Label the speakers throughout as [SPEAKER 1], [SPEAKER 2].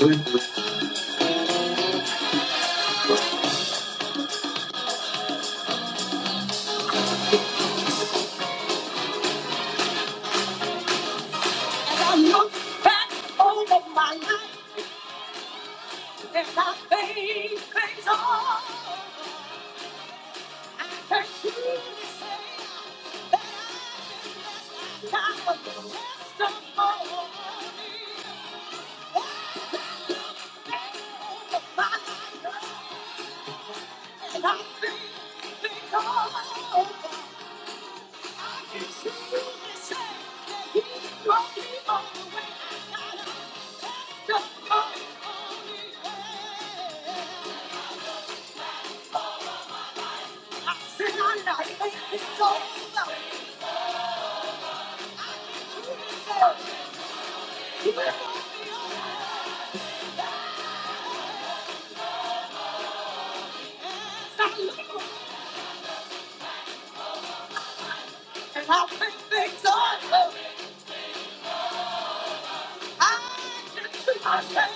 [SPEAKER 1] As I look back over my life and I think things on, I can truly say that I've been blessed. I've got a testimony over my life and I think things on. I can truly say that He brought me all the way. I got a testimony. I see my life painted gold. He brought me out and I painted gold. I said, I said, I said.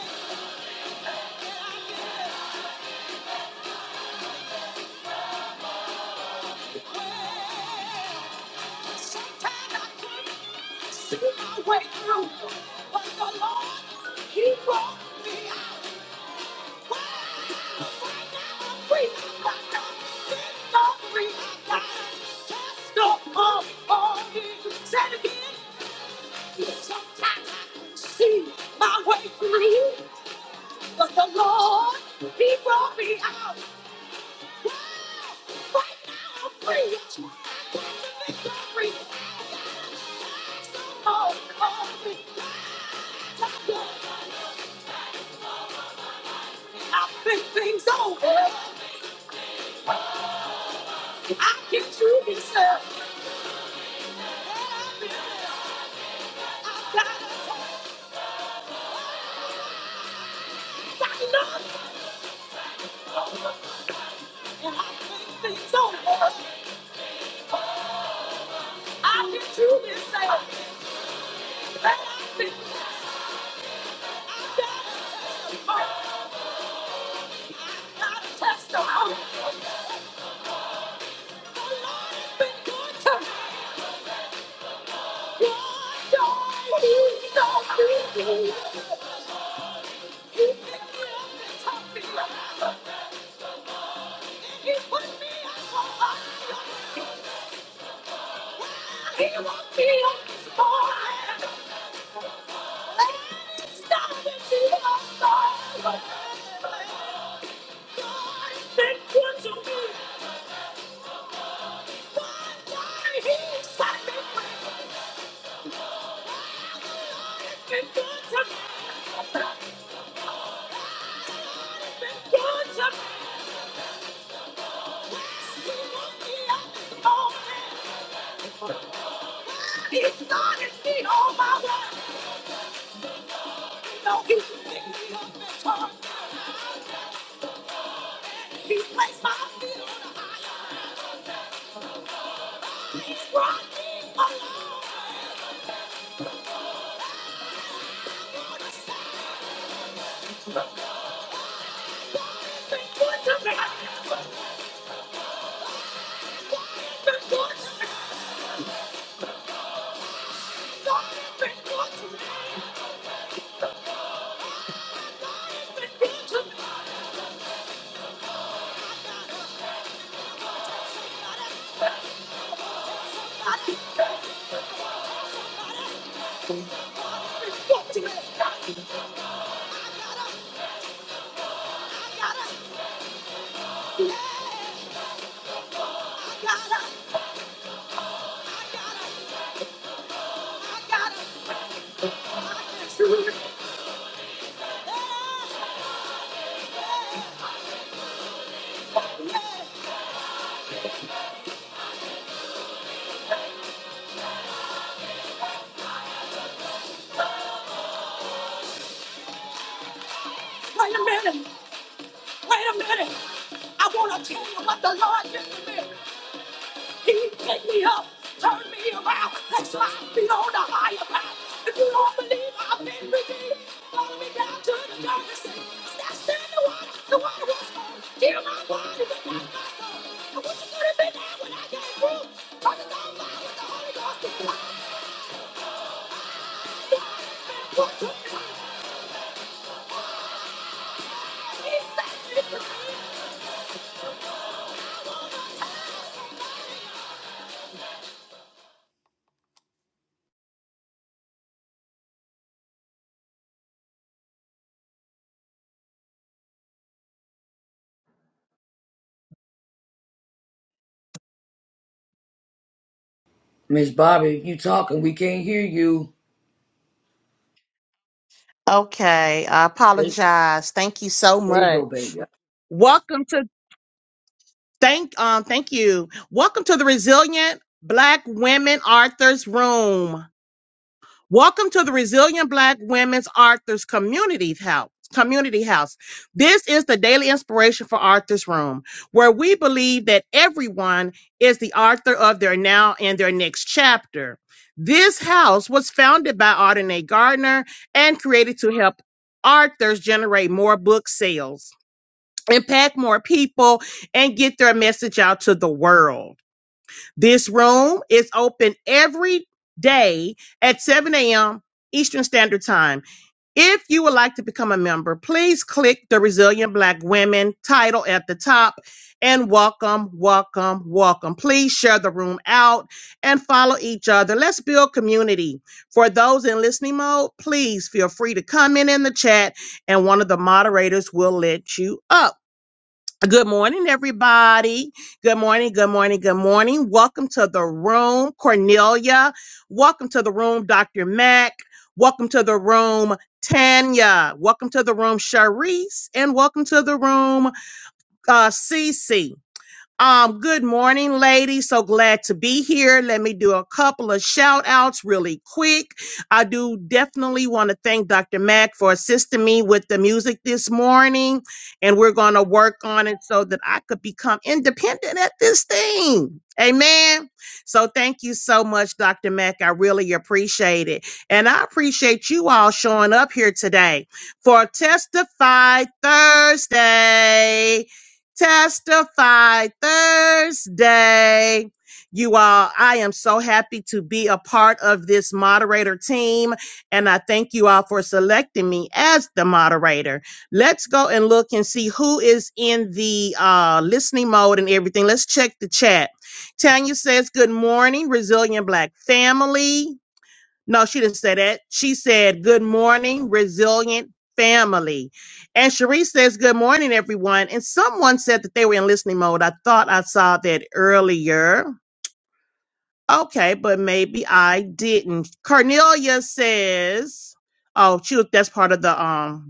[SPEAKER 1] Sometimes I see my way out, but the Lord he brought me out right now. Free my mind, set me free. I got a chest full of gold. Said again. I See my way to leave, but the Lord, He brought me out. Wow! Right now I'm free. That's why I got the victory. Someone call me. I think things over. I can truly say I've i got it. I know And I think things over. I can truly say that I've Thank you to me. Why, why, he's It's been good to me. It's been good to me. He woke me up one day. He started me on my way. No, he picked me up and taught me. He placed my feet on the ice. He brought me along. It's been good to me. It's been good to me. It's been good to me. It's been good to me. I got it. I got it. I got it. Wait a minute. Wait a minute. I want to tell you what the Lord did to me. He picked me up, turned me around. That's why I feel on the higher ground. If you don't believe I've been redeemed, follow me down to the dirty sea. Stand still in the water. The water was cold. Heal my body, but not my soul. I wish you could have been there when I came through. Turn it on fire with the Holy Ghost. and fly. What took me?
[SPEAKER 2] Miss Bobby, you talking? We can't hear you.
[SPEAKER 3] Okay, I
[SPEAKER 2] There,
[SPEAKER 3] apologize. Thank you so
[SPEAKER 2] there you go,
[SPEAKER 3] much.
[SPEAKER 2] baby.
[SPEAKER 3] Welcome to thank um thank you. Welcome to the Resilient Black Women Authors Room. Welcome to the Resilient Black Women's Arthur's Community House. Community House. This is the daily inspiration for Arthur's Room, where we believe that everyone is the author of their now and their next chapter. This house was founded by Arden Gardner and created to help authors generate more book sales, impact more people, and get their message out to the world. This room is open every day at 7 a.m. Eastern Standard Time. If you would like to become a member, please click the Resilient Black Women title at the top and welcome, welcome, welcome. Please share the room out and follow each other. Let's build community. For those in listening mode, please feel free to comment in the chat and one of the moderators will let you up. Good morning, everybody. Good morning, good morning, good morning. Welcome to the room, Cornelia. Welcome to the room, Dr. Mack. Welcome to the room, Tanya. Welcome to the room, Sharice. And welcome to the room, uh, Cece. Um, good morning, ladies. So glad to be here. Let me do a couple of shout outs really quick. I do definitely want to thank Dr. Mack for assisting me with the music this morning, and we're going to work on it so that I could become independent at this thing. Amen. So thank you so much, Dr. Mack. I really appreciate it. And I appreciate you all showing up here today for Testify Thursday. Testify Thursday. You all, I am so happy to be a part of this moderator team, and I thank you all for selecting me as the moderator. Let's go and look and see who is in the uh, listening mode and everything. Let's check the chat. Tanya says, Good morning, Resilient Black Family. No, she didn't say that. She said, Good morning, resilient family. And Cherie says, Good morning, everyone. And someone said that they were in listening mode. I thought I saw that earlier. Okay, but maybe I didn't. Cornelia says, Oh, she was that's part of the um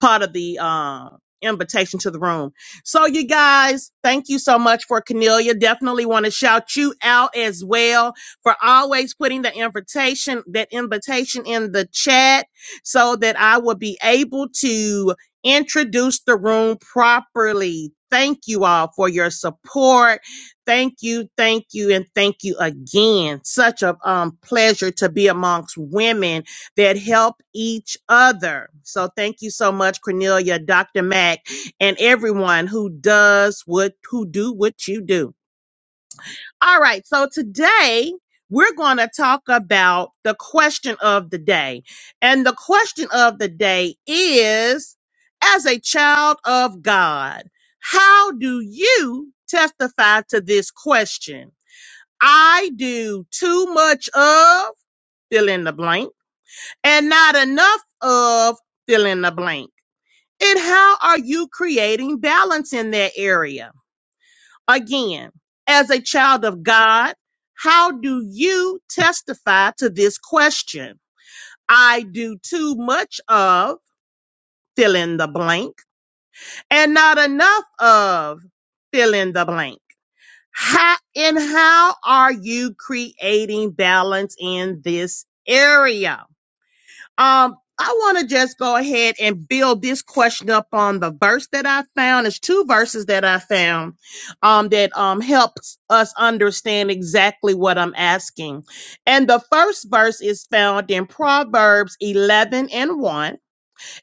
[SPEAKER 3] part of the uh, invitation to the room. So, you guys, thank you so much for Cornelia. Definitely want to shout you out as well for always putting the invitation, that invitation in the chat so that I will be able to introduce the room properly. Thank you all for your support. Thank you, thank you, and thank you again. Such a um, pleasure to be amongst women that help each other. So thank you so much, Cornelia, Dr. Mack, and everyone who does what who do what you do. All right, so today we're going to talk about the question of the day. And the question of the day is as a child of God, how do you testify to this question? I do too much of fill in the blank and not enough of fill in the blank. And how are you creating balance in that area? Again, as a child of God, how do you testify to this question? I do too much of fill in the blank and not enough of fill in the blank. How, and how are you creating balance in this area? Um, I want to just go ahead and build this question up on the verse that I found. There's two verses that I found um, that um, helps us understand exactly what I'm asking. And the first verse is found in Proverbs 11 and 1,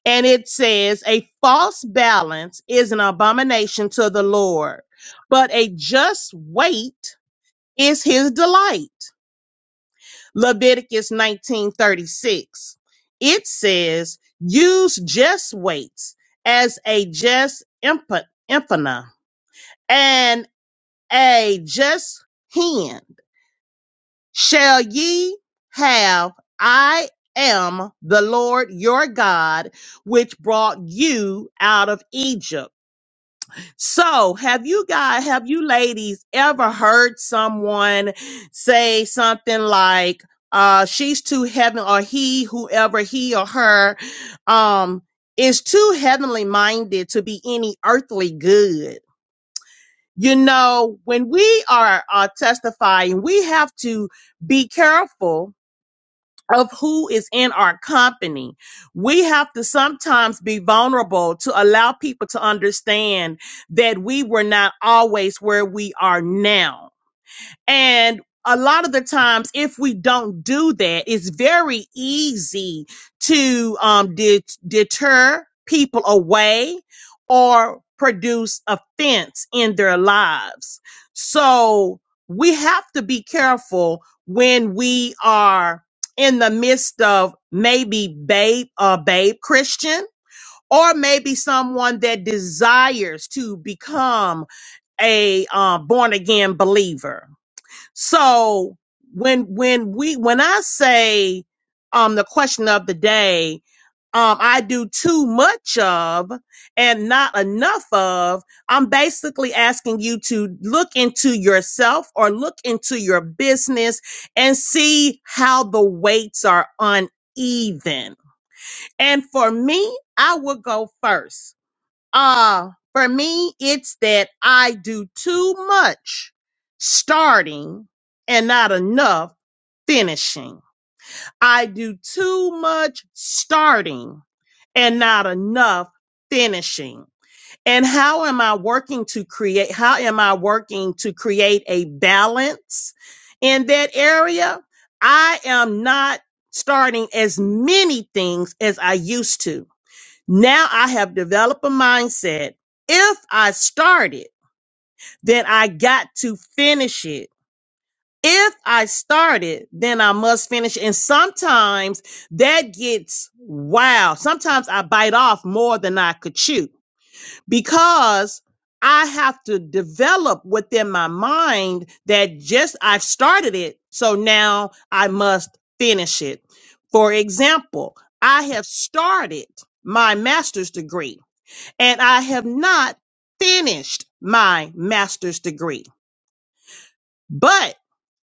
[SPEAKER 3] and it says, A false balance is an abomination to the Lord, but a just weight is his delight. Leviticus 19:36. It says, "Use just weights as a just impa- impana and a just hand. Shall ye have I am the Lord your God which brought you out of Egypt." So, have you guys, have you ladies ever heard someone say something like, uh, she's too heaven or he, whoever he or her, um, is too heavenly minded to be any earthly good? You know, when we are, are testifying, we have to be careful of who is in our company. We have to sometimes be vulnerable to allow people to understand that we were not always where we are now and a lot of the times, if we don't do that, it's very easy to um, det- deter people away or produce offense in their lives. So we have to be careful when we are in the midst of maybe babe, a babe Christian, or maybe someone that desires to become a uh, born again believer so when when we when I say um the question of the day, um I do too much of and not enough of, I'm basically asking you to look into yourself or look into your business and see how the weights are uneven. And for me, I will go first. Uh, for me, it's that I do too much starting and not enough finishing. I do too much starting and not enough finishing. And how am I working to create? How am I working to create a balance in that area? I am not starting as many things as I used to. Now I have developed a mindset. If I started, then I got to finish it. If I started, then I must finish. And sometimes that gets wow. Sometimes I bite off more than I could chew because I have to develop within my mind that just I've started it. So now I must finish it. For example, I have started my master's degree and I have not finished my master's degree, but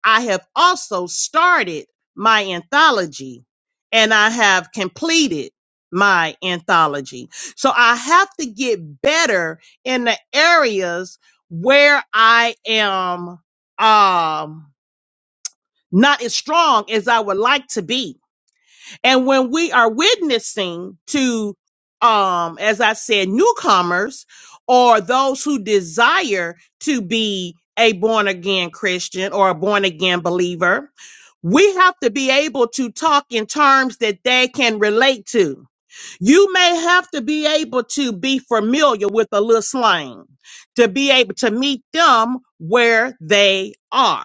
[SPEAKER 3] I have also started my anthology and I have completed my anthology. So I have to get better in the areas where I am um not as strong as I would like to be And when we are witnessing to, um, as I said, newcomers or those who desire to be a born again Christian or a born again believer, we have to be able to talk in terms that they can relate to. You may have to be able to be familiar with a little slang to be able to meet them where they are.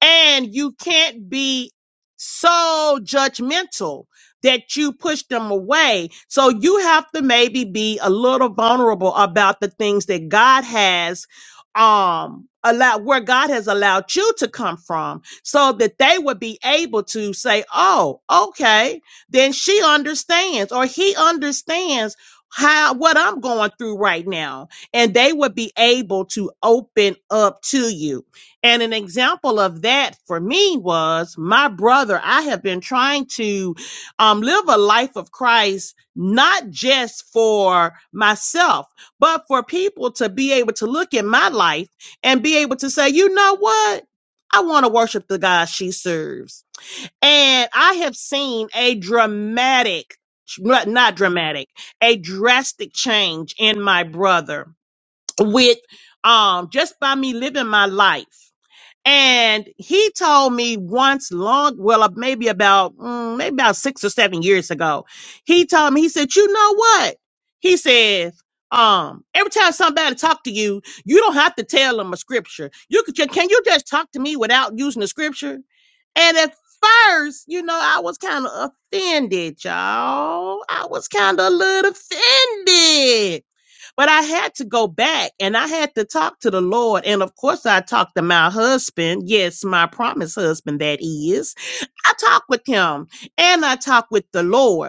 [SPEAKER 3] And you can't be so judgmental that you push them away. So you have to maybe be a little vulnerable about the things that God has um allowed where God has allowed you to come from so that they would be able to say, "Oh, okay, then she understands or he understands how what I'm going through right now." And they would be able to open up to you. And an example of that for me was my brother. I have been trying to um, live a life of Christ, not just for myself, but for people to be able to look at my life and be able to say, you know what? I want to worship the God she serves. And I have seen a dramatic, not not dramatic, a drastic change in my brother with um, just by me living my life and he told me once long, well, uh, maybe about, mm, maybe about six or seven years ago, he told me, he said, you know what? He says, um, every time somebody talk to you, you don't have to tell them a scripture. You could, ju- can you just talk to me without using the scripture? And at first, you know, I was kind of offended, y'all. I was kind of a little offended. But I had to go back and I had to talk to the Lord. And of course, I talked to my husband. Yes, my promised husband, that is. I talked with him and I talked with the Lord.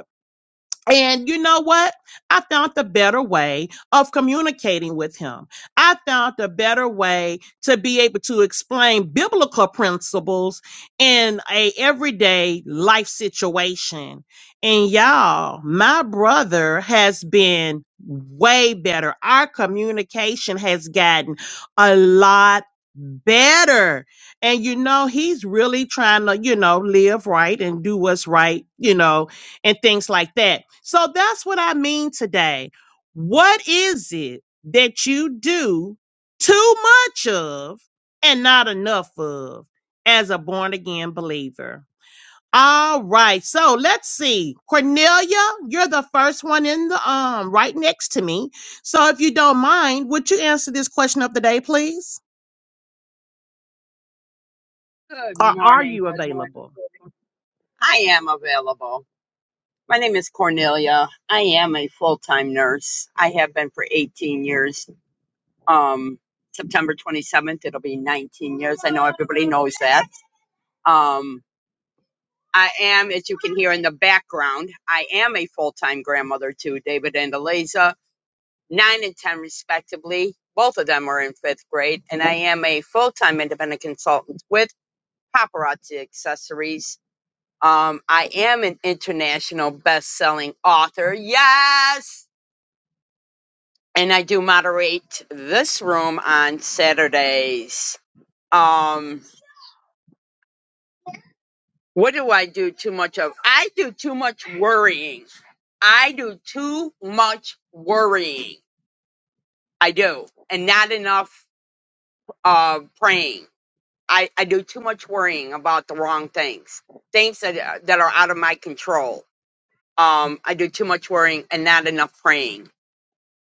[SPEAKER 3] And you know what? I found the better way of communicating with him. I found the better way to be able to explain biblical principles in a everyday life situation. And y'all, my brother has been way better. Our communication has gotten a lot better. And you know, he's really trying to, you know, live right and do what's right, you know, and things like that. So that's what I mean today. What is it that you do too much of and not enough of as a born again believer? All right. So let's see. Cornelia, you're the first one in the um right next to me. So if you don't mind, would you answer this question of the day, please?
[SPEAKER 4] Good
[SPEAKER 3] Or are
[SPEAKER 4] morning.
[SPEAKER 3] you
[SPEAKER 4] Good morning.
[SPEAKER 3] available?
[SPEAKER 4] I am available. My name is Cornelia. I am a full-time nurse. I have been for 18 years. Um, September 27th, it'll be 19 years. I know everybody knows that. Um, I am, as you can hear in the background, I am a full-time grandmother to David and Eliza, nine and 10 respectively. Both of them are in fifth grade, and I am a full-time independent consultant with Paparazzi Accessories Um, I am an international best-selling author. Yes, and I do moderate this room on Saturdays. Um, what do I do too much of? I do too much worrying. I do too much worrying. I do, and not enough uh, praying. I, I do too much worrying about the wrong things, things that uh, that are out of my control. Um, I do too much worrying and not enough praying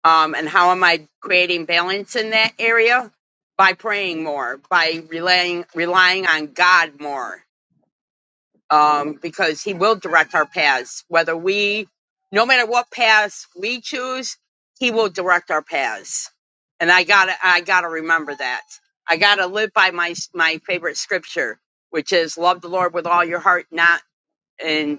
[SPEAKER 4] um, and how am I creating balance in that area by praying more, by relying relying on God more, um, because He will direct our paths. Whether we, no matter what paths we choose, He will direct our paths. And I gotta, I gotta remember that. I gotta live by my my favorite scripture, which is love the Lord with all your heart, not and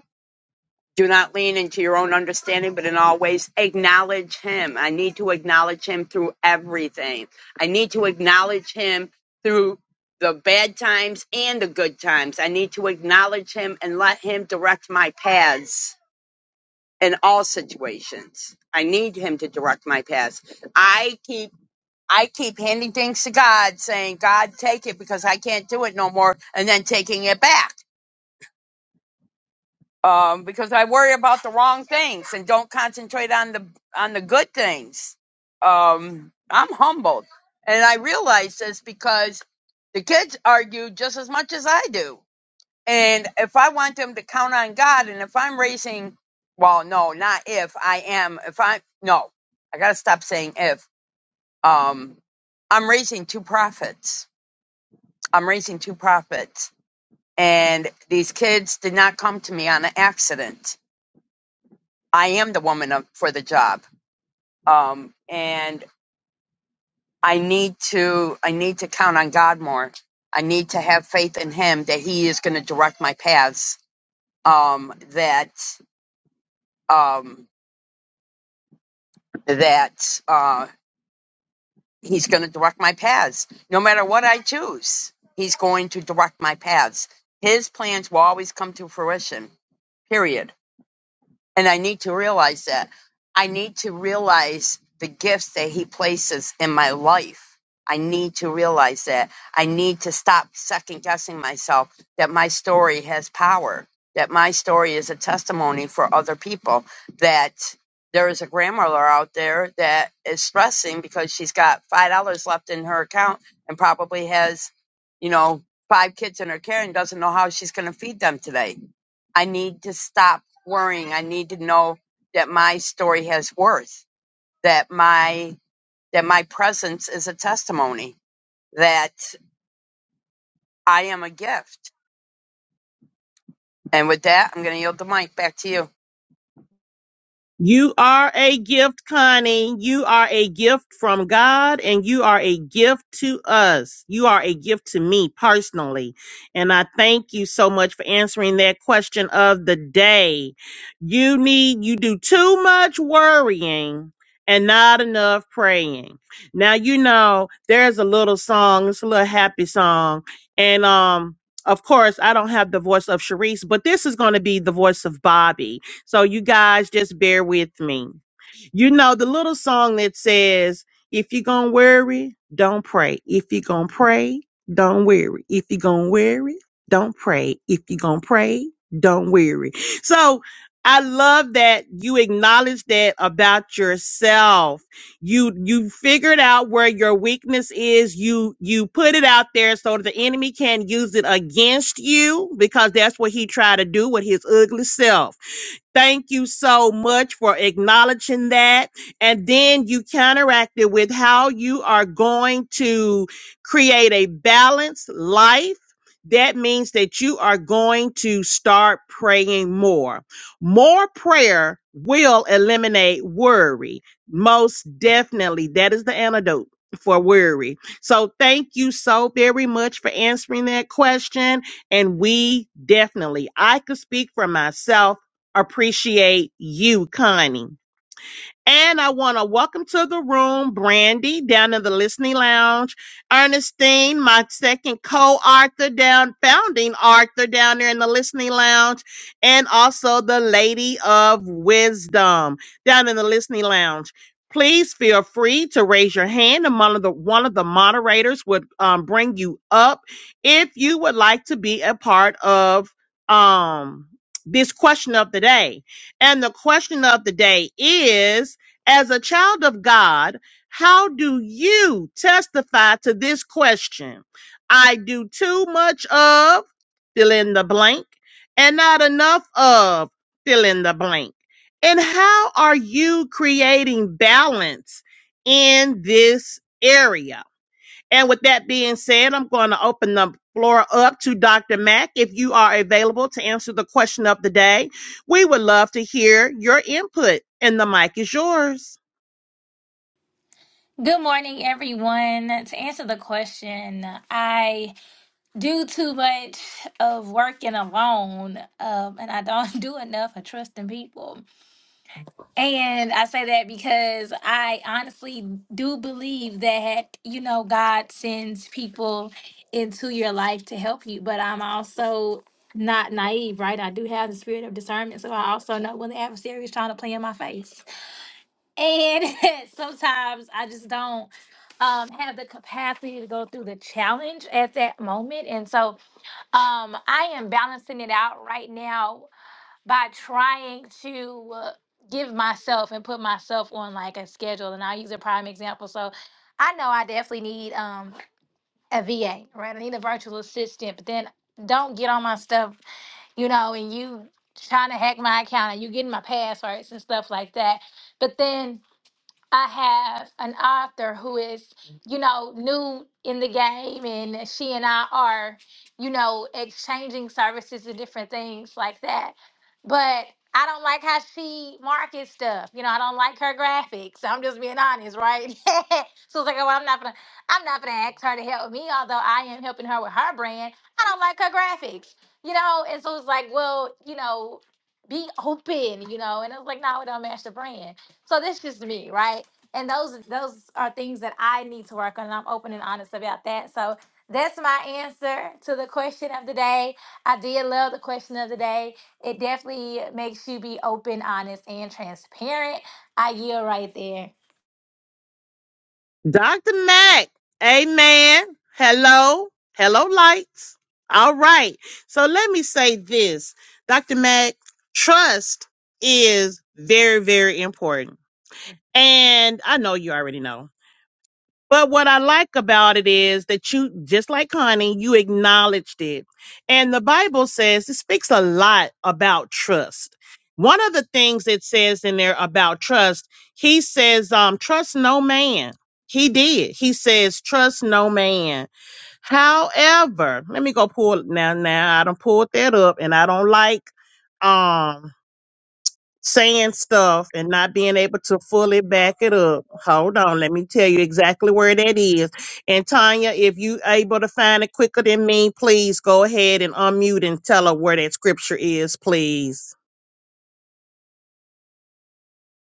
[SPEAKER 4] do not lean into your own understanding, but in all ways acknowledge Him. I need to acknowledge Him through everything. I need to acknowledge Him through the bad times and the good times. I need to acknowledge Him and let Him direct my paths in all situations. I need Him to direct my paths. I keep I keep handing things to God, saying, God, take it because I can't do it no more, and then taking it back. um, because I worry about the wrong things and don't concentrate on the on the good things. Um, I'm humbled, and I realize this because the kids argue just as much as I do. And if I want them to count on God, and if I'm raising, well, no, not if I am. If I no, I gotta stop saying if. Um, I'm raising two prophets. I'm raising two prophets, and these kids did not come to me on an accident I am the woman of, for the job. Um, and I need to, I need to count on God more. I need to have faith in him that he is going to direct my paths. Um, that, um, that, uh, he's going to direct my paths. No matter what I choose, he's going to direct my paths. His plans will always come to fruition, period And I need to realize that. I need to realize the gifts that He places in my life. I need to realize that. I need to stop second guessing myself that my story has power, that my story is a testimony for other people, that there is a grandmother out there that is stressing because she's got $5 left in her account and probably has, you know, five kids in her care and doesn't know how she's going to feed them today I need to stop worrying. I need to know that my story has worth, that my that my presence is a testimony, that I am a gift. And with that, I'm going to yield the mic back to you.
[SPEAKER 3] You are a gift, Connie. You are a gift from God and you are a gift to us. You are a gift to me personally. And I thank you so much for answering that question of the day. You need, you do too much worrying and not enough praying. Now, you know, there's a little song, it's a little happy song. And, um, of course, I don't have the voice of Sharice, but this is going to be the voice of Bobby so you guys just bear with me. You know the little song that says, if you're going to worry, don't pray. If you're going to pray, don't worry. If you're going to worry, don't pray. If you're going to pray, don't worry. So I love that you acknowledge that about yourself. You you figured out where your weakness is. You you put it out there so that the enemy can use it against you because that's what he tried to do with his ugly self Thank you so much for acknowledging that. And then you counteracted with how you are going to create a balanced life. That means that you are going to start praying more. More prayer will eliminate worry. Most definitely. That is the antidote for worry. So thank you so very much for answering that question. And we definitely, I could speak for myself appreciate you, Connie. And I want to welcome to the room Brandy down in the listening lounge, Ernestine, my second co author down, founding author down there in the listening lounge, and also the Lady of Wisdom down in the listening lounge. Please feel free to raise your hand, and one of the one of the moderators would um, bring you up if you would like to be a part of um, this question of the day. And the question of the day is as a child of God, how do you testify to this question? I do too much of, fill in the blank, and not enough of, fill in the blank. And how are you creating balance in this area? And with that being said, I'm going to open the floor up to Dr. Mack. If you are available to answer the question of the day, we would love to hear your input, and the mic is yours.
[SPEAKER 1] Good morning, everyone. To answer the question, I do too much of working alone, um, and I don't do enough of trusting people. And I say that because I honestly do believe that, you know, God sends people into your life to help you, but I'm also not naive, right? I do have the spirit of discernment, so I also know when the adversary is trying to play in my face and sometimes I just don't um, have the capacity to go through the challenge at that moment. And so um, I am balancing it out right now by trying to uh, give myself and put myself on like a schedule. And I'll use a prime example. So I know I definitely need um, a VA, right? I need a virtual assistant, but then don't get on my stuff, you know, and you trying to hack my account and you getting my passwords and stuff like that. But then I have an author who is, you know, new in the game, and she and I are, you know, exchanging services and different things like that. But I don't like how she markets stuff. You know, I don't like her graphics. I'm just being honest, right? so it's like, oh, well, I'm not gonna, I'm not gonna ask her to help me, although I am helping her with her brand. I don't like her graphics, you know. And so it's like, well, you know, be open, you know. And I was like, no, it don't match the brand. So that's just me, right? And those those are things that I need to work on. And I'm open and honest about that. So that's my answer to the question of the day. I did love the question of the day. It definitely makes you be open, honest, and transparent. I yield right there.
[SPEAKER 3] Dr. Mac, amen. Hello, hello, lights. All right. So let me say this Dr. Mac, trust is very, very important. And I know you already know. But what I like about it is that you, just like Connie, you acknowledged it. And the Bible says it speaks a lot about trust. One of the things it says in there about trust, he says, um, trust no man. He did. He says, trust no man. However, let me go pull it now. Now I don't pull that up and I don't like, um saying stuff and not being able to fully back it up. Hold on, let me tell you exactly where that is. And Tanya, if you able to find it quicker than me, please go ahead and unmute and tell her where that scripture is, please.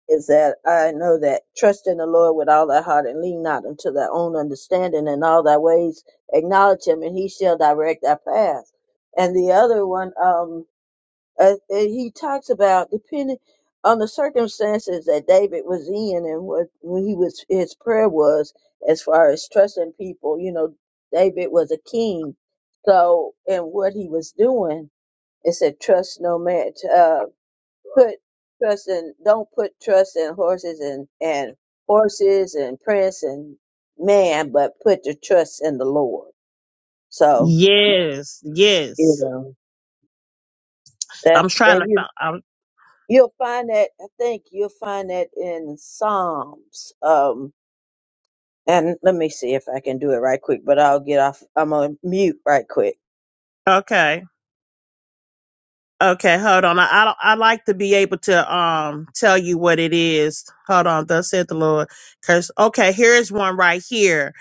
[SPEAKER 5] is that I know that trust in the Lord with all thy heart and lean not unto thy own understanding and all thy ways acknowledge him and he shall direct thy path. And the other one, um, uh, uh, he talks about depending on the circumstances that David was in and what when he was his prayer was as far as trusting people. You know, David was a king, so and what he was doing, it said trust no man. Uh, put trust in don't put trust in horses and and horses and prince and man, but put your trust in the Lord. So
[SPEAKER 3] Yes,
[SPEAKER 5] you
[SPEAKER 3] yes.
[SPEAKER 5] know that,
[SPEAKER 3] I'm trying
[SPEAKER 5] and
[SPEAKER 3] to
[SPEAKER 5] you
[SPEAKER 3] find. I'm,
[SPEAKER 5] you'll find that I think you'll find that in Psalms. Um, and let me see if I can do it right quick, but I'll get off. I'm on mute right quick.
[SPEAKER 3] okay. Okay, hold on. I I, don't- I like to be able to um tell you what it is. Hold on, thus said the Lord. Curse. Okay, here's one right here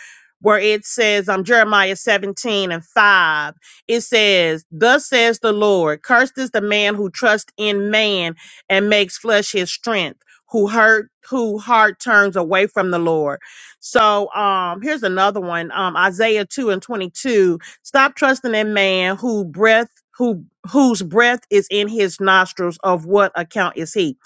[SPEAKER 3] where it says um Jeremiah 17 and 5. It says, Thus says the Lord, cursed is the man who trusts in man and makes flesh his strength, who hurt who heart turns away from the Lord. So um here's another one. Um Isaiah 2 and 22 Stop trusting in man who breath who whose breath is in his nostrils of what account is he?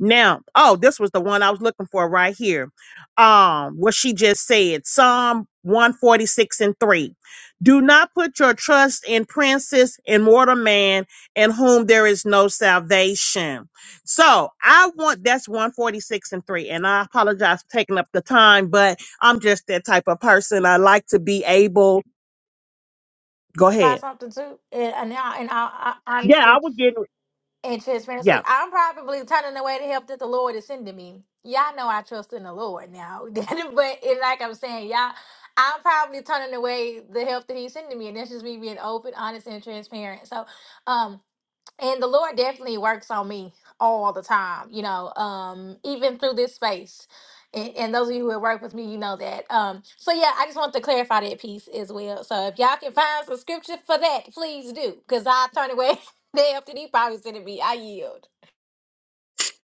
[SPEAKER 3] Now, oh, this was the one I was looking for right here. Um, what she just said, Psalm 146 and 3. Do not put your trust in princes and mortal man in whom there is no salvation. So I want that's 146 and 3. And I apologize for taking up the time, but I'm just that type of person. I like to be able. Go ahead.
[SPEAKER 1] Find something too, in, in, all- in all
[SPEAKER 3] Yeah,
[SPEAKER 1] honesty.
[SPEAKER 3] I was getting,
[SPEAKER 1] and transparency.
[SPEAKER 3] yeah.
[SPEAKER 1] I'm probably turning away the help that the Lord is sending me. Y'all know I trust in the Lord now, but it, like I'm saying, y'all, I'm probably turning away the help that He's sending me, and that's just me being open, honest, and transparent. So, um, and the lord definitely works on me all the time you know um even through this space and, and those of you who have worked with me you know that um so yeah i just want to clarify that piece as well so if y'all can find some scripture for that please do because i turn away they up to deep probably send it me i yield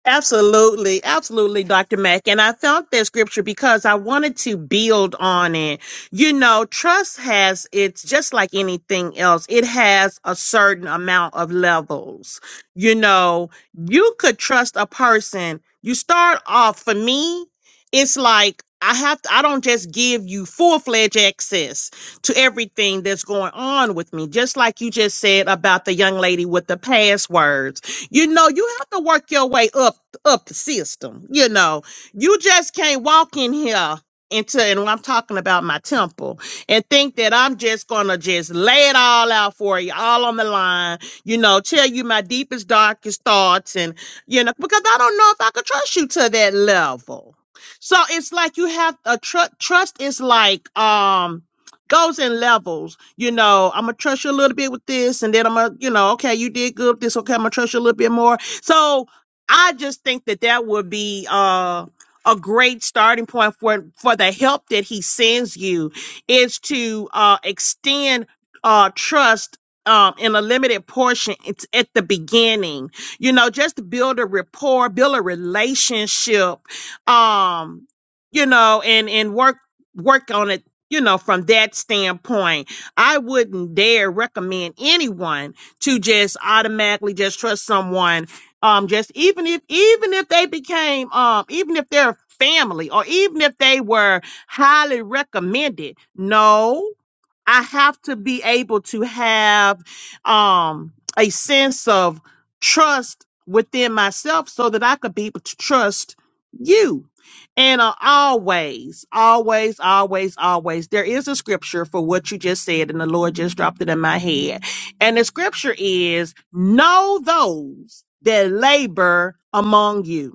[SPEAKER 3] Absolutely, absolutely, Dr. Mack. And I found that scripture because I wanted to build on it. You know, trust has, it's just like anything else, it has a certain amount of levels. You know, you could trust a person. You start off, for me, it's like, I have to, I don't just give you full fledged access to everything that's going on with me. Just like you just said about the young lady with the passwords. You know, you have to work your way up up the system. You know, you just can't walk in here into and I'm talking about my temple and think that I'm just gonna just lay it all out for you, all on the line, you know, tell you my deepest, darkest thoughts and you know, because I don't know if I could trust you to that level. So it's like you have a tr- trust is like um goes in levels. You know, I'm gonna trust you a little bit with this, and then I'm gonna, you know, okay, you did good with this. Okay, I'm gonna trust you a little bit more. So I just think that that would be uh, a great starting point for for the help that he sends you is to uh, extend uh, trust. Um, in a limited portion, it's at the beginning, you know, just to build a rapport, build a relationship, um, you know, and, and work work on it you know, from that standpoint, I wouldn't dare recommend anyone to just automatically just trust someone. Um, just even if even if they became um even if they're family or even if they were highly recommended, no. I have to be able to have um, a sense of trust within myself so that I could be able to trust you. And uh, always, always, always, always, there is a scripture for what you just said, and the Lord just dropped it in my head. And the scripture is know those that labor among you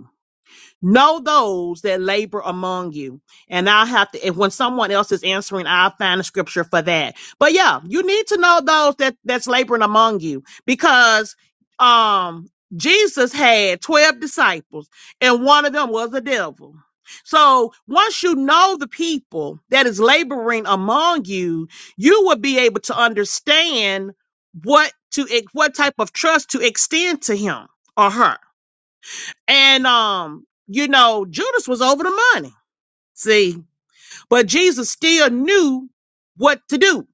[SPEAKER 3] Know those that labor among you. And I'll have to, if when someone else is answering, I'll find a scripture for that. But yeah, you need to know those that that's laboring among you because, um, Jesus had 12 disciples and one of them was a devil. So once you know the people that is laboring among you, you will be able to understand what to, what type of trust to extend to him or her and um, you know, Judas was over the money. See, but Jesus still knew what to do.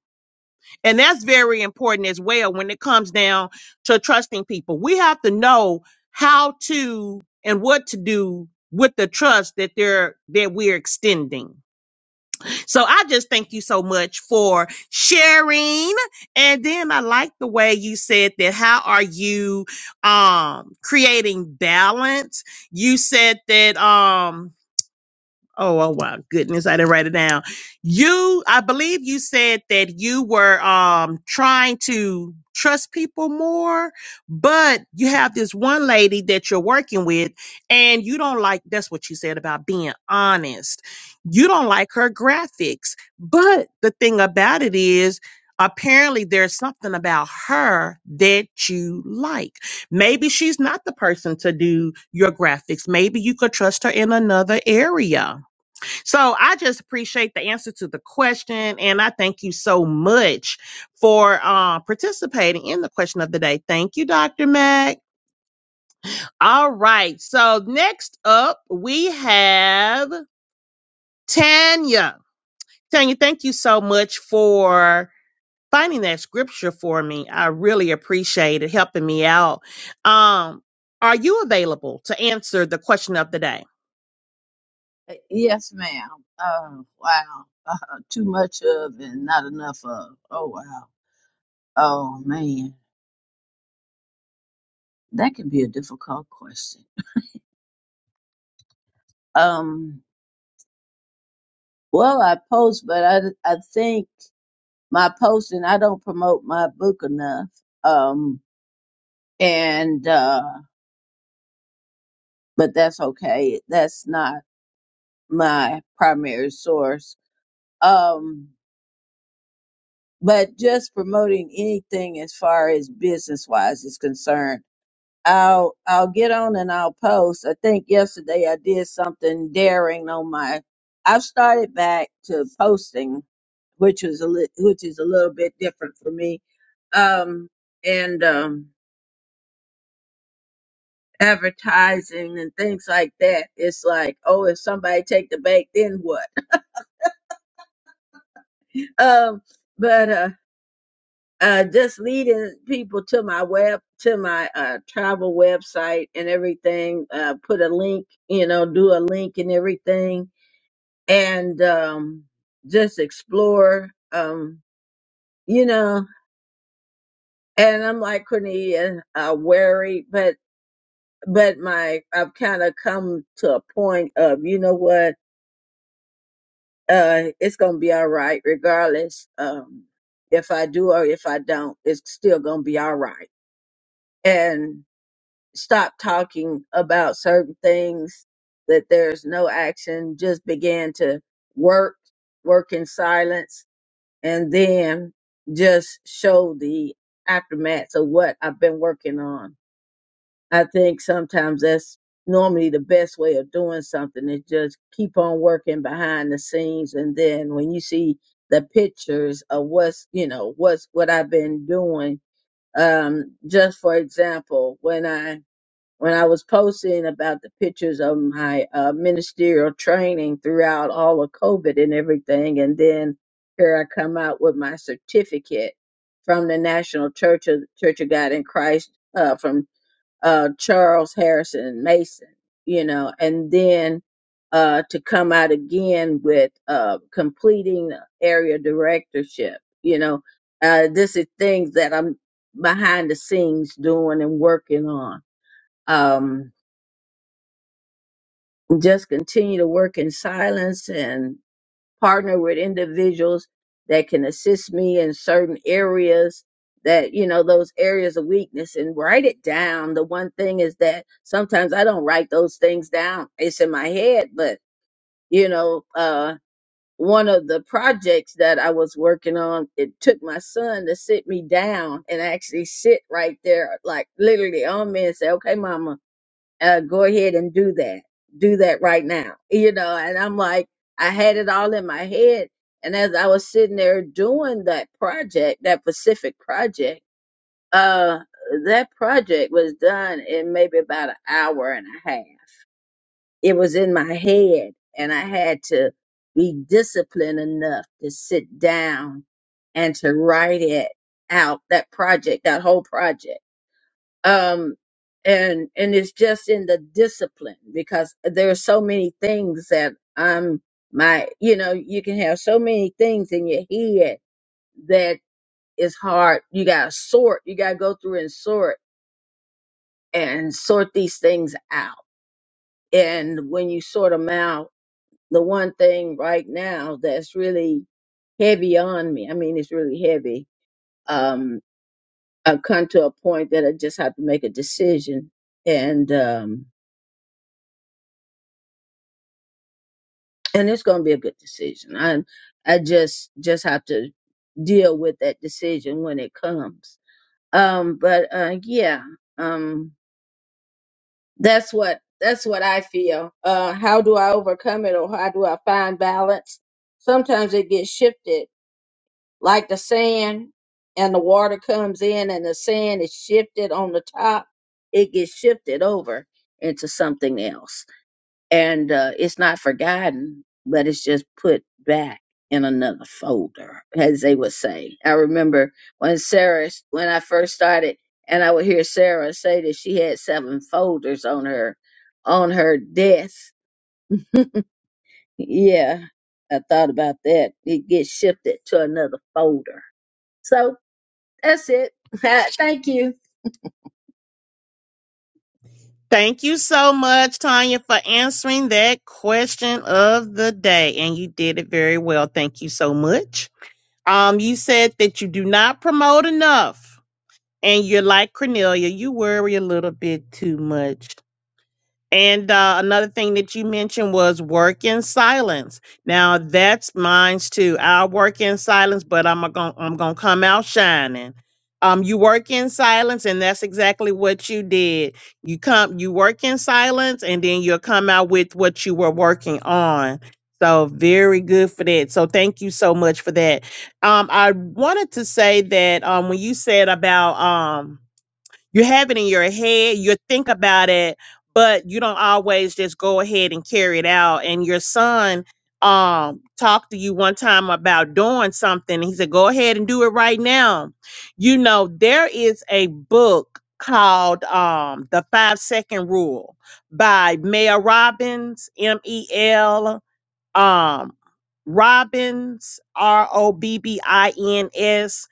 [SPEAKER 3] And that's very important as well when it comes down to trusting people. We have to know how to and what to do with the trust that they're that we're extending so I just thank you so much for sharing. And then I like the way you said that how are you um creating balance? You said that um Oh, oh wow, goodness, I didn't write it down. You, I believe you said that you were um trying to trust people more, but you have this one lady that you're working with and you don't like that's what you said about being honest. You don't like her graphics. But the thing about it is apparently there's something about her that you like. Maybe she's not the person to do your graphics. Maybe you could trust her in another area so I just appreciate the answer to the question, and I thank you so much for uh, participating in the question of the day. Thank you, Dr. Mack. All right. So next up, we have Tanya. Tanya, thank you so much for finding that scripture for me. I really appreciate it helping me out. Um, are you available to answer the question of the day?
[SPEAKER 5] Uh, Yes, ma'am. Oh, wow. Uh, too much of and not enough of. Oh, wow. Oh, man. That can be a difficult question. Um, well, I post, but I, I think my posting, I don't promote my book enough. Um, and, uh, but that's okay. That's not my primary source. Um, but just promoting anything as far as business wise is concerned I'll I'll get on and I'll post. I think yesterday I did something daring on my. I've started back to posting, which was a li- which is a little bit different for me, um, and um, advertising and things like that. It's like, oh, if somebody take the bait, then what? um, but uh, uh, just leading people to my web to my uh, travel website and everything. Uh, put a link, you know, do a link and everything and um, just explore, um, you know. And I'm like Cornelia, uh, wary, but but my I've kind of come to a point of you know what, uh, it's gonna be all right regardless um, if I do or if I don't. It's still gonna be all right. And stop talking about certain things that there's no action. Just began to work, work in silence and then just show the aftermaths of what I've been working on. I think sometimes that's normally the best way of doing something is just keep on working behind the scenes and then when you see the pictures of what's you know what's what I've been doing um just for example when I when I was posting about the pictures of my uh, ministerial training throughout all of COVID and everything. And then here I come out with my certificate from the National Church of Church of God in Christ uh, from uh, Charles Harrison Mason, you know, and then uh, to come out again with uh, completing area directorship, you know, uh, this is things that I'm behind the scenes doing and working on. Um, just continue to work in silence and partner with individuals that can assist me in certain areas that you know those areas of weakness and write it down the one thing is that sometimes i don't write those things down it's in my head but you know uh one of the projects that i was working on it took my son to sit me down and actually sit right there like literally on me and say okay mama uh, go ahead and do that. Do that right now. You know, and I'm like, I had it all in my head. And as I was sitting there doing that project, that Pacific project, uh, that project was done in maybe about an hour and a half. It was in my head and I had to be disciplined enough to sit down and to write it out, that project, that whole project um and and it's just in the discipline because there are so many things that i'm my you know you can have so many things in your head that is hard you gotta sort you gotta go through and sort and sort these things out and when you sort them out the one thing right now that's really heavy on me i mean it's really heavy um i've come to a point that i just have to make a decision and um and it's going to be a good decision. I I just just have to deal with that decision when it comes. Um, but uh, yeah, um, that's what that's what I feel. Uh, how do I overcome it, or how do I find balance? Sometimes it gets shifted, like the sand, and the water comes in, and the sand is shifted on the top. It gets shifted over into something else and uh, it's not forgotten, but it's just put back in another folder, as they would say. I remember when Sarah, when I first started, and I would hear Sarah say that she had seven folders on her, on her desk. Yeah, I thought about that. It gets shifted to another folder. So that's it. Thank you.
[SPEAKER 3] Thank you so much, Tanya, for answering that question of the day. And you did it very well. Thank you so much. Um, you said that you do not promote enough, and you're like Cornelia, you worry a little bit too much. And uh, another thing that you mentioned was work in silence. Now that's mine too. I work in silence, but I'm gonna I'm gonna come out shining. Um, you work in silence, and that's exactly what you did. You come, you work in silence, and then you'll come out with what you were working on. So very good for that. So thank you so much for that. Um, I wanted to say that um, when you said about um, you have it in your head, you think about it, but you don't always just go ahead and carry it out. And your son um talked to you one time about doing something. and He said, Go ahead and do it right now. You know, there is a book called um The Five Second Rule by Mel Robbins, M-E-L um Robbins R O B B I N S.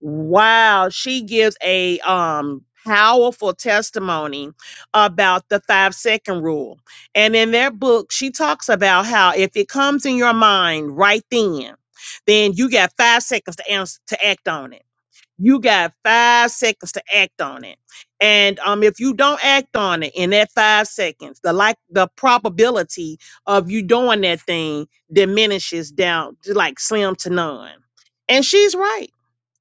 [SPEAKER 3] Wow, she gives a um powerful testimony about the 5 second rule. And in that book, she talks about how if it comes in your mind right then, then you got 5 seconds to answer, to act on it you got five seconds to act on it. And um, if you don't act on it in that five seconds, the like the probability of you doing that thing diminishes down to like slim to none. And she's right.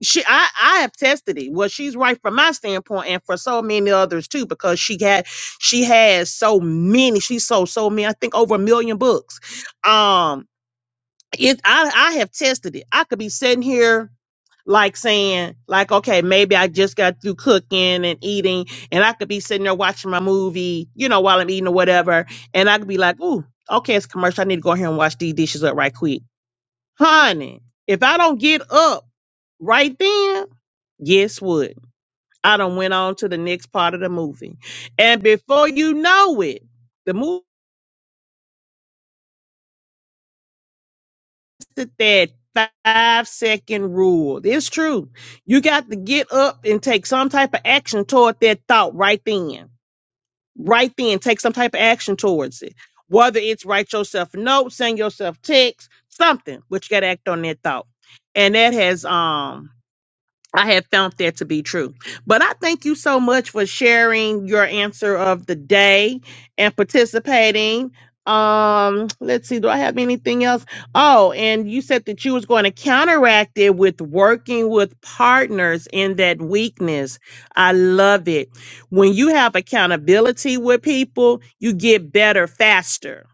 [SPEAKER 3] She I, I have tested it. Well, she's right from my standpoint and for so many others too, because she had she has so many, she sold so many, I think over a million books. Um it I I have tested it. I could be sitting here like saying like okay maybe i just got through cooking and eating and i could be sitting there watching my movie you know while i'm eating or whatever and i could be like ooh okay it's commercial i need to go here and wash these dishes up right quick honey if i don't get up right then guess what i done went on to the next part of the movie and before you know it the movie at that five second rule. It's true. You got to get up and take some type of action toward that thought right then. Right then, take some type of action towards it. Whether it's write yourself a note, send yourself text, something, but you gotta act on that thought. And that has um I have found that to be true. But I thank you so much for sharing your answer of the day and participating. Um, let's see, do I have anything else? Oh, and you said that you was going to counteract it with working with partners in that weakness. I love it. When you have accountability with people, you get better faster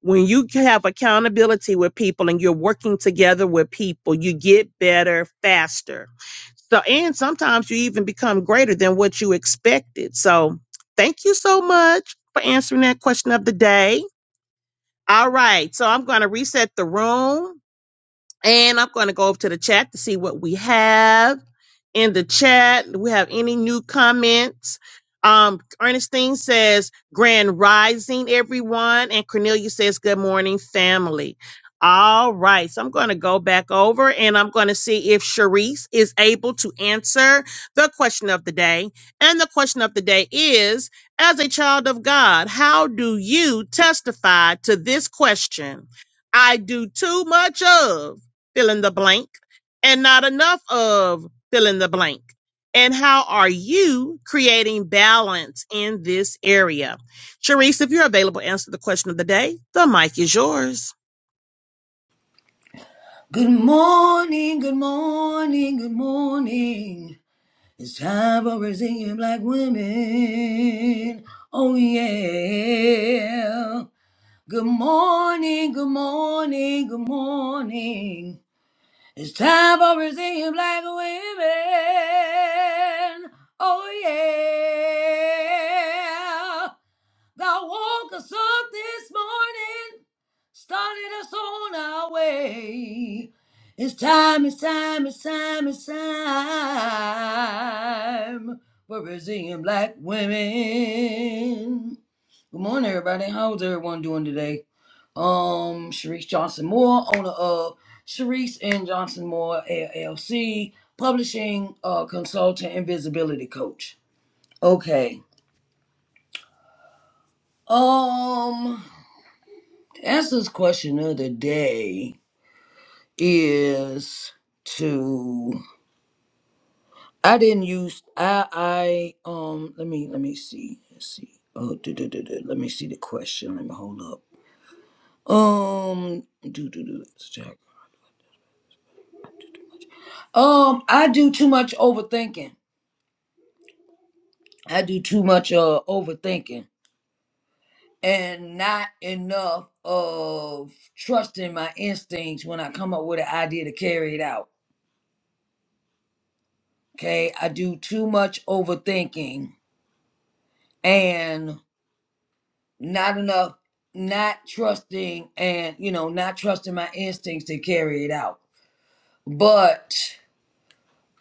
[SPEAKER 3] when you have accountability with people and you're working together with people, you get better faster. So, and sometimes you even become greater than what you expected. So, thank you so much for answering that question of the day. All right. So, I'm going to reset the room. And I'm going to go over to the chat to see what we have in the chat. Do we have any new comments? Um, Ernestine says, Grand Rising, everyone. And Cornelia says, Good morning, family. All right. So I'm going to go back over and I'm going to see if Sharice is able to answer the question of the day. And the question of the day is As a child of God, how do you testify to this question? I do too much of fill in the blank, and not enough of fill in the blank? And how are you creating balance in this area? Sharice, if you're available, answer the question of the day. The mic is yours.
[SPEAKER 2] Good morning, good morning, good morning. It's time for Brazilian black women. Oh yeah. Good morning, good morning, good morning. It's time for Brazilian black women. Oh yeah. Thou woke us up this morning, started us on our way. It's time, it's time, it's time, it's time for Brazilian black women. Good morning, everybody. How's everyone doing today? Um, Sharice Johnson Moore, owner of Sharice and Johnson Moore LLC, publishing uh, consultant and visibility coach. Okay. Um. Answer's question of the day is to I didn't use I I um let me let me see let's see oh do, do, do, do. let me see the question let me hold up um do do do let's check um I do too much overthinking I do too much uh overthinking and not enough of trusting my instincts when I come up with an idea to carry it out okay I do too much overthinking and not enough not trusting and you know not trusting my instincts to carry it out but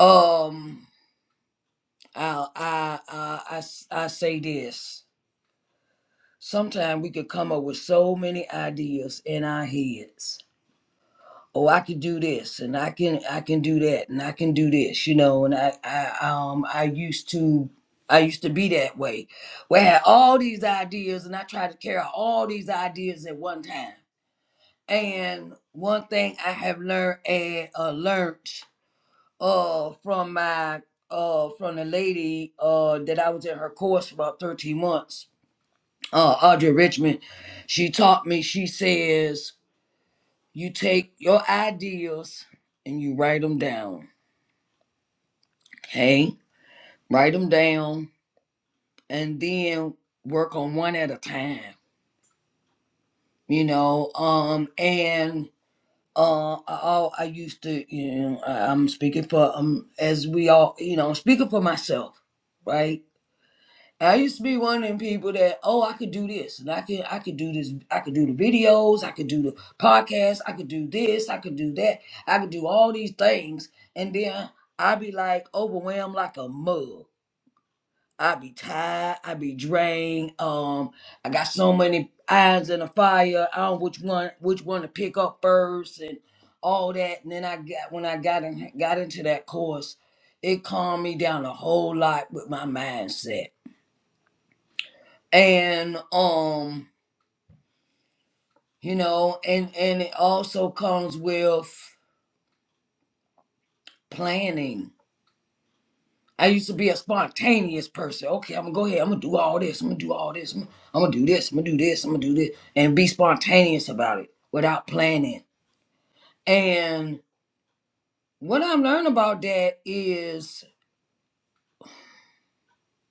[SPEAKER 2] um i i i i, s- I say this sometimes we could come up with so many ideas in our heads oh i could do this and i can i can do that and i can do this you know and i i um i used to I used to be that way, where I had all these ideas and I tried to carry out all these ideas at one time And one thing I have learned and uh, learned uh from my uh from the lady uh that I was in her course for about 13 months, uh Audrey Richmond, she taught me, she says, you take your ideas and you write them down. Okay? Write them down and then work on one at a time. You know, um and uh, I, I I used to, you know, I, I'm speaking for, um, as we all, you know, I'm speaking for myself, right? I used to be one of them people that, oh, I could do this, and I can, I could do this, I could do the videos, I could do the podcast, I could do this, I could do that, I could do all these things, and then I'd be like overwhelmed like a mug. I be tired. I be drained. Um, I got so many irons in the fire. I don't which one which one to pick up first and all that. And then I got when I got in, got into that course, it calmed me down a whole lot with my mindset. And um, you know, and and it also comes with planning I used to be a spontaneous person. Okay, I'm gonna go ahead. I'm gonna do all this. I'm gonna do all this. I'm, I'm gonna do this. I'm gonna do this. I'm gonna do this, and be spontaneous about it without planning. And what I'm learning about that is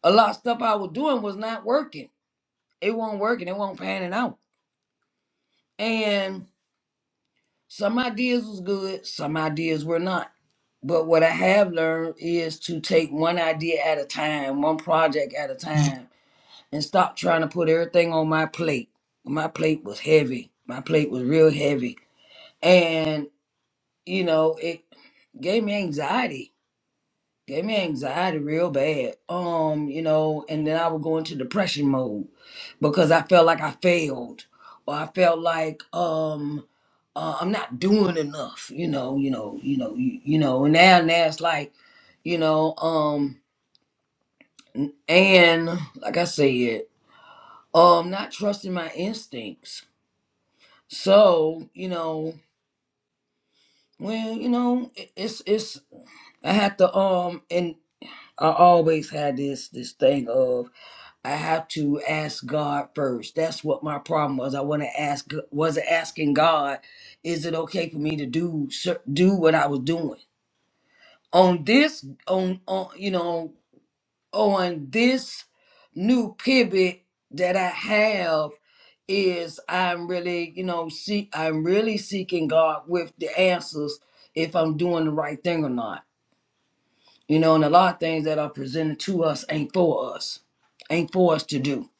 [SPEAKER 2] a lot of stuff I was doing was not working. It wasn't working. It wasn't panning out. And some ideas was good. Some ideas were not. But what I have learned is to take one idea at a time, one project at a time, and stop trying to put everything on my plate. My plate was heavy. My plate was real heavy. And, you know, it gave me anxiety. Gave me anxiety real bad. Um, you know, and then I would go into depression mode because I felt like I failed. Or I felt like um uh, I'm not doing enough, you know, you know, you know, you, you know, and now now it's like, you know, um, and like I said, um, not trusting my instincts So, you know, well, you know, it- it's it's I have to um and I always had this this thing of I have to ask God first. That's what my problem was. I want to ask was asking God, is it okay for me to do cer- do what I was doing on this on on you know on this new pivot that I have is I'm really, you know, see I'm really seeking God with the answers if I'm doing the right thing or not. You know, and a lot of things that are presented to us ain't for us. Ain't for us to do.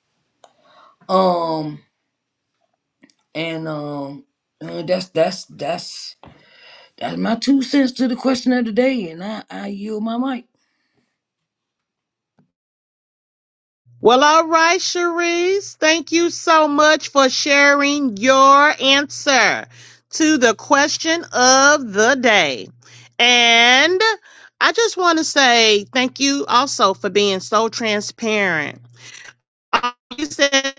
[SPEAKER 2] Um and um uh, that's that's that's that's my two cents to the question of the day and I, I yield my mic.
[SPEAKER 3] Well, all right, Sharice. Thank you so much for sharing your answer to the question of the day. And I just want to say thank you also for being so transparent. Uh, You said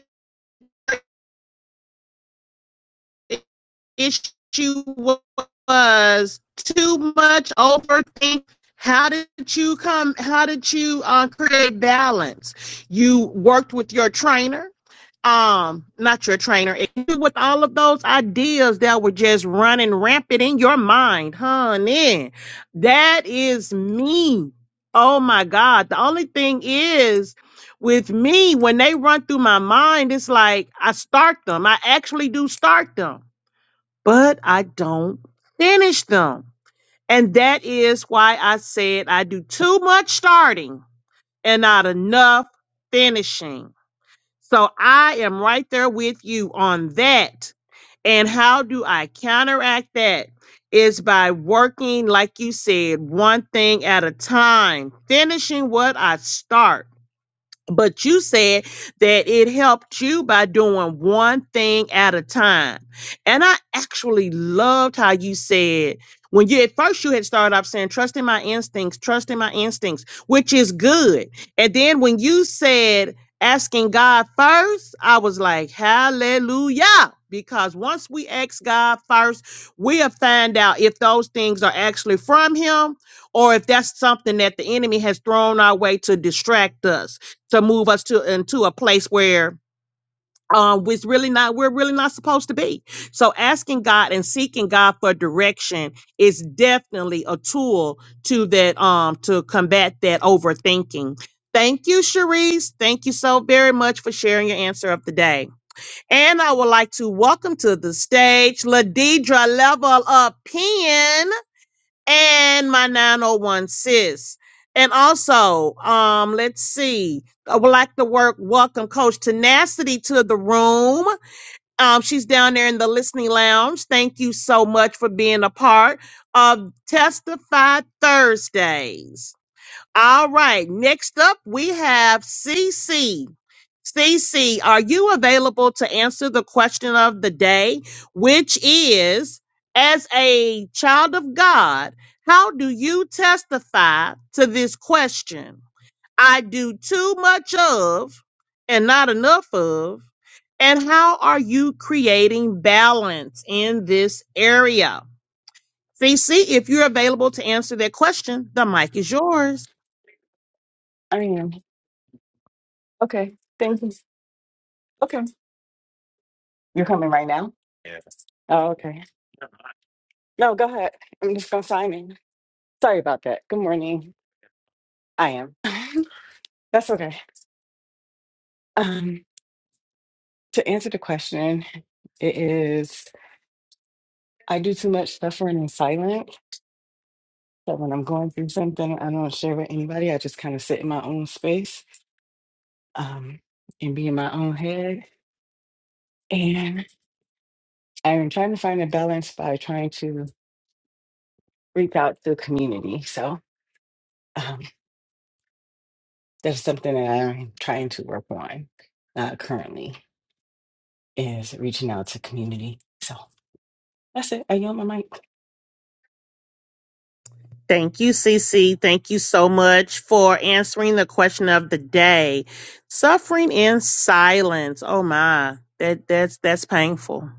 [SPEAKER 3] issue was too much overthink. How did you come? How did you uh, create balance? You worked with your trainer, um, not your trainer, with all of those ideas that were just running rampant in your mind, honey. That is me. Oh my God. The only thing is, with me, when they run through my mind, it's like I start them. I actually do start them but I don't finish them. And that is why I said I do too much starting and not enough finishing. So I am right there with you on that. And how do I counteract that? Is by working, like you said, one thing at a time, finishing what I start but you said that it helped you by doing one thing at a time. And I actually loved how you said when you at first you had started off saying trusting my instincts, trusting my instincts, which is good. And then when you said asking God first, I was like, hallelujah. Because once we ask God first, we'll find out if those things are actually from Him or if that's something that the enemy has thrown our way to distract us to move us to into a place where um we's really not we're really not supposed to be so asking god and seeking god for direction is definitely a tool to that um to combat that overthinking thank you cherise thank you so very much for sharing your answer of the day and i would like to welcome to the stage ladidra level up Pen and my 901 sis. And also, um, let's see. I would like to work welcome Coach Tenacity to the room. Um, she's down there in the listening lounge. Thank you so much for being a part of Testify Thursdays. All right. Next up, we have CC. CC, are you available to answer the question of the day, which is as a child of God, how do you testify to this question? I do too much of and not enough of. And how are you creating balance in this area? CC, if you're available to answer that question, the mic is yours.
[SPEAKER 6] I am. Okay. Thank you. Okay. You're coming right now? Oh, okay. No, go ahead. I'm just gonna sign in. Sorry about that. Good morning. I am. That's okay. Um, to answer the question, it is I do too much suffering in silence. So when I'm going through something, I don't share with anybody. I just kind of sit in my own space um, and be in my own head. And I'm trying to find a balance by trying to reach out to the community. So. um, That's something that I'm trying to work on uh, currently is reaching out to community. So that's it. I yield my mic.
[SPEAKER 3] Thank you, Cece. Thank you so much for answering the question of the day. Suffering in silence. Oh my, that that's that's painful.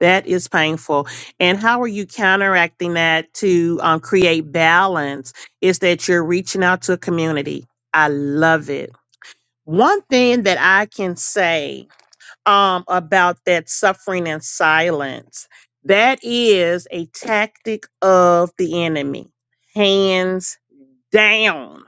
[SPEAKER 3] That is painful. And how are you counteracting that to um, create balance? Is that you're reaching out to a community? I love it. One thing that I can say um, about that suffering and silence. That is a tactic of the enemy, hands down.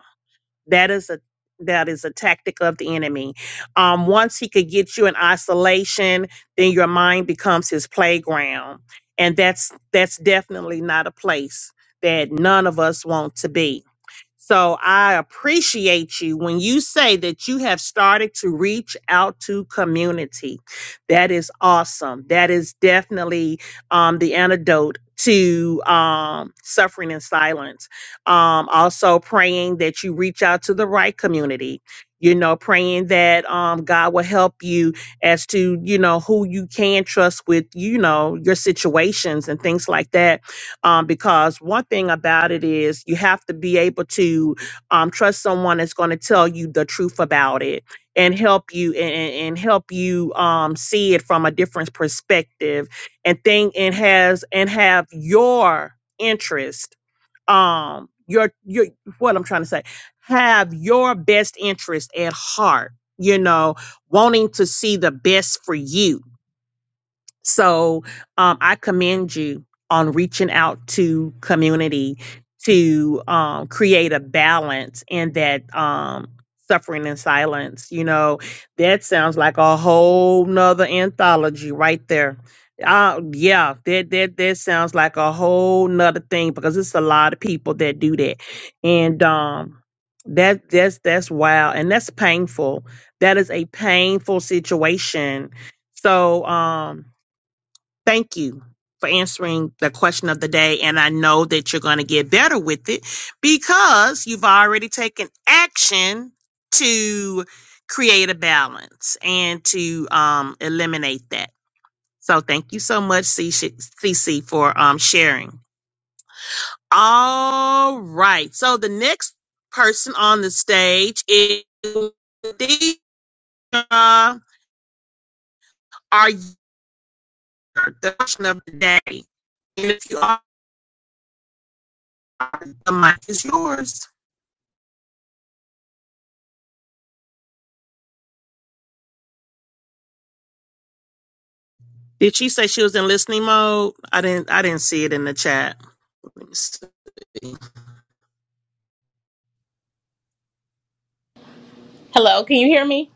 [SPEAKER 3] That is a that is a tactic of the enemy. Um, once he could get you in isolation, then your mind becomes his playground, and that's that's definitely not a place that none of us want to be. So I appreciate you when you say that you have started to reach out to community. That is awesome. That is definitely um, the antidote to um, suffering in silence. Um, also, praying that you reach out to the right community. You know, praying that um, God will help you as to you know who you can trust with you know your situations and things like that um, because one thing about it is you have to be able to um, trust someone that's going to tell you the truth about it and help you and, and and help you um, see it from a different perspective and think and has and have your interest um your your what i'm trying to say have your best interest at heart you know wanting to see the best for you so um, I commend you on reaching out to community to um, create a balance in that um, suffering and silence. You know, that sounds like a whole nother anthology right there. Uh, yeah, that that that sounds like a whole nother thing because it's a lot of people that do that, and um, that that's that's wild and that's painful. That is a painful situation. So um, thank you for answering the question of the day. And I know that you're going to get better with it because you've already taken action to create a balance and to um, eliminate that. So thank you so much, CC, CC, for um, sharing. All right. So the next person on the stage is Deidre. Are you the question of the day? And if you are, the mic is yours. Did she say she was in listening mode? I didn't. I didn't see it in the chat. Let me see.
[SPEAKER 7] Hello, can you hear me?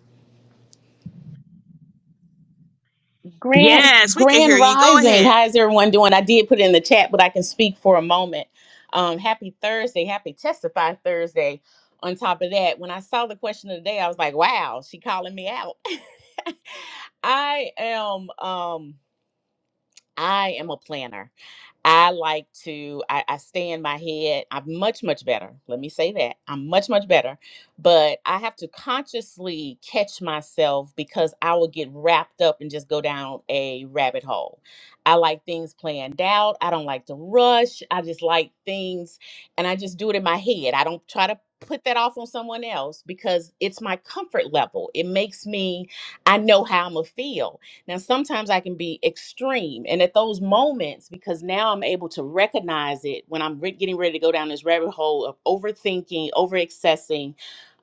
[SPEAKER 7] Grand
[SPEAKER 3] Yes, we can hear
[SPEAKER 7] Grand
[SPEAKER 3] you. Go
[SPEAKER 7] Rising.
[SPEAKER 3] ahead.
[SPEAKER 7] How is everyone doing? I did put it in the chat, but I can speak for a moment. Um, happy Thursday, happy Testify Thursday. On top of that, when I saw the question of the day, I was like, wow, she calling me out. I am um I am a planner. I like to, I, I stay in my head. I'm much, much better. Let me say that. I'm much, much better. But I have to consciously catch myself because I will get wrapped up and just go down a rabbit hole. I like things planned out. I don't like to rush. I just like things and I just do it in my head. I don't try to put that off on someone else because it's my comfort level. It makes me, I know how I'm going to feel. Now, sometimes I can be extreme. And at those moments, because now I'm able to recognize it when I'm re- getting ready to go down this rabbit hole of overthinking, over accessing,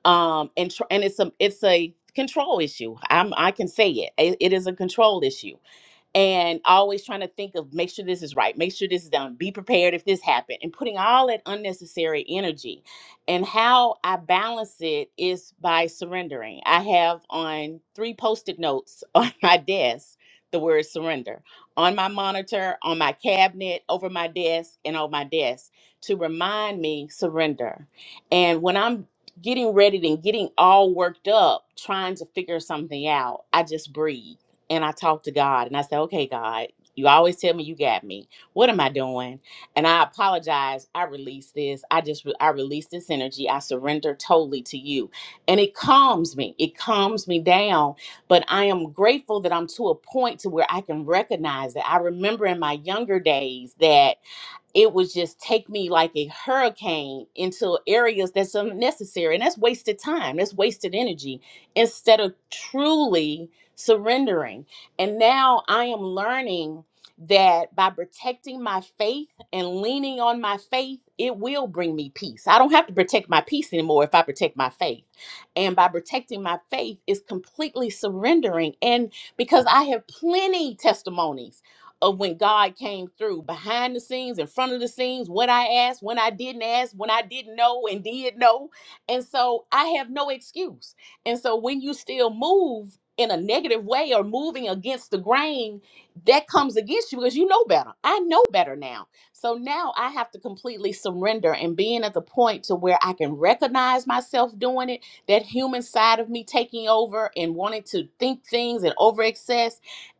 [SPEAKER 7] um, and, tr- and it's a, it's a control issue. I'm, I can say it. it. It is a control issue and always trying to think of make sure this is right, make sure this is done, be prepared if this happened, and putting all that unnecessary energy. And how I balance it is by surrendering. I have on three post-it notes on my desk the word surrender on my monitor, on my cabinet, over my desk, and on my desk to remind me surrender. And when I'm getting ready and getting all worked up, trying to figure something out, I just breathe and I talked to God and I said, okay, God, you always tell me you got me. What am I doing? And I apologize. I release this. I just, I release this energy. I surrender totally to you. And it calms me. It calms me down. But I am grateful that I'm to a point to where I can recognize that. I remember in my younger days that it would just take me like a hurricane into areas that's unnecessary and that's wasted time that's wasted energy instead of truly surrendering and now i am learning that by protecting my faith and leaning on my faith it will bring me peace i don't have to protect my peace anymore if i protect my faith and by protecting my faith is completely surrendering and because i have plenty testimonies of when God came through behind the scenes, in front of the scenes, what I asked, when I didn't ask, when I didn't know and did know. And so I have no excuse. And so when you still move in a negative way or moving against the grain, that comes against you because you know better. I know better now. So now I have to completely surrender and being at the point to where I can recognize myself doing it, that human side of me taking over and wanting to think things and overexcess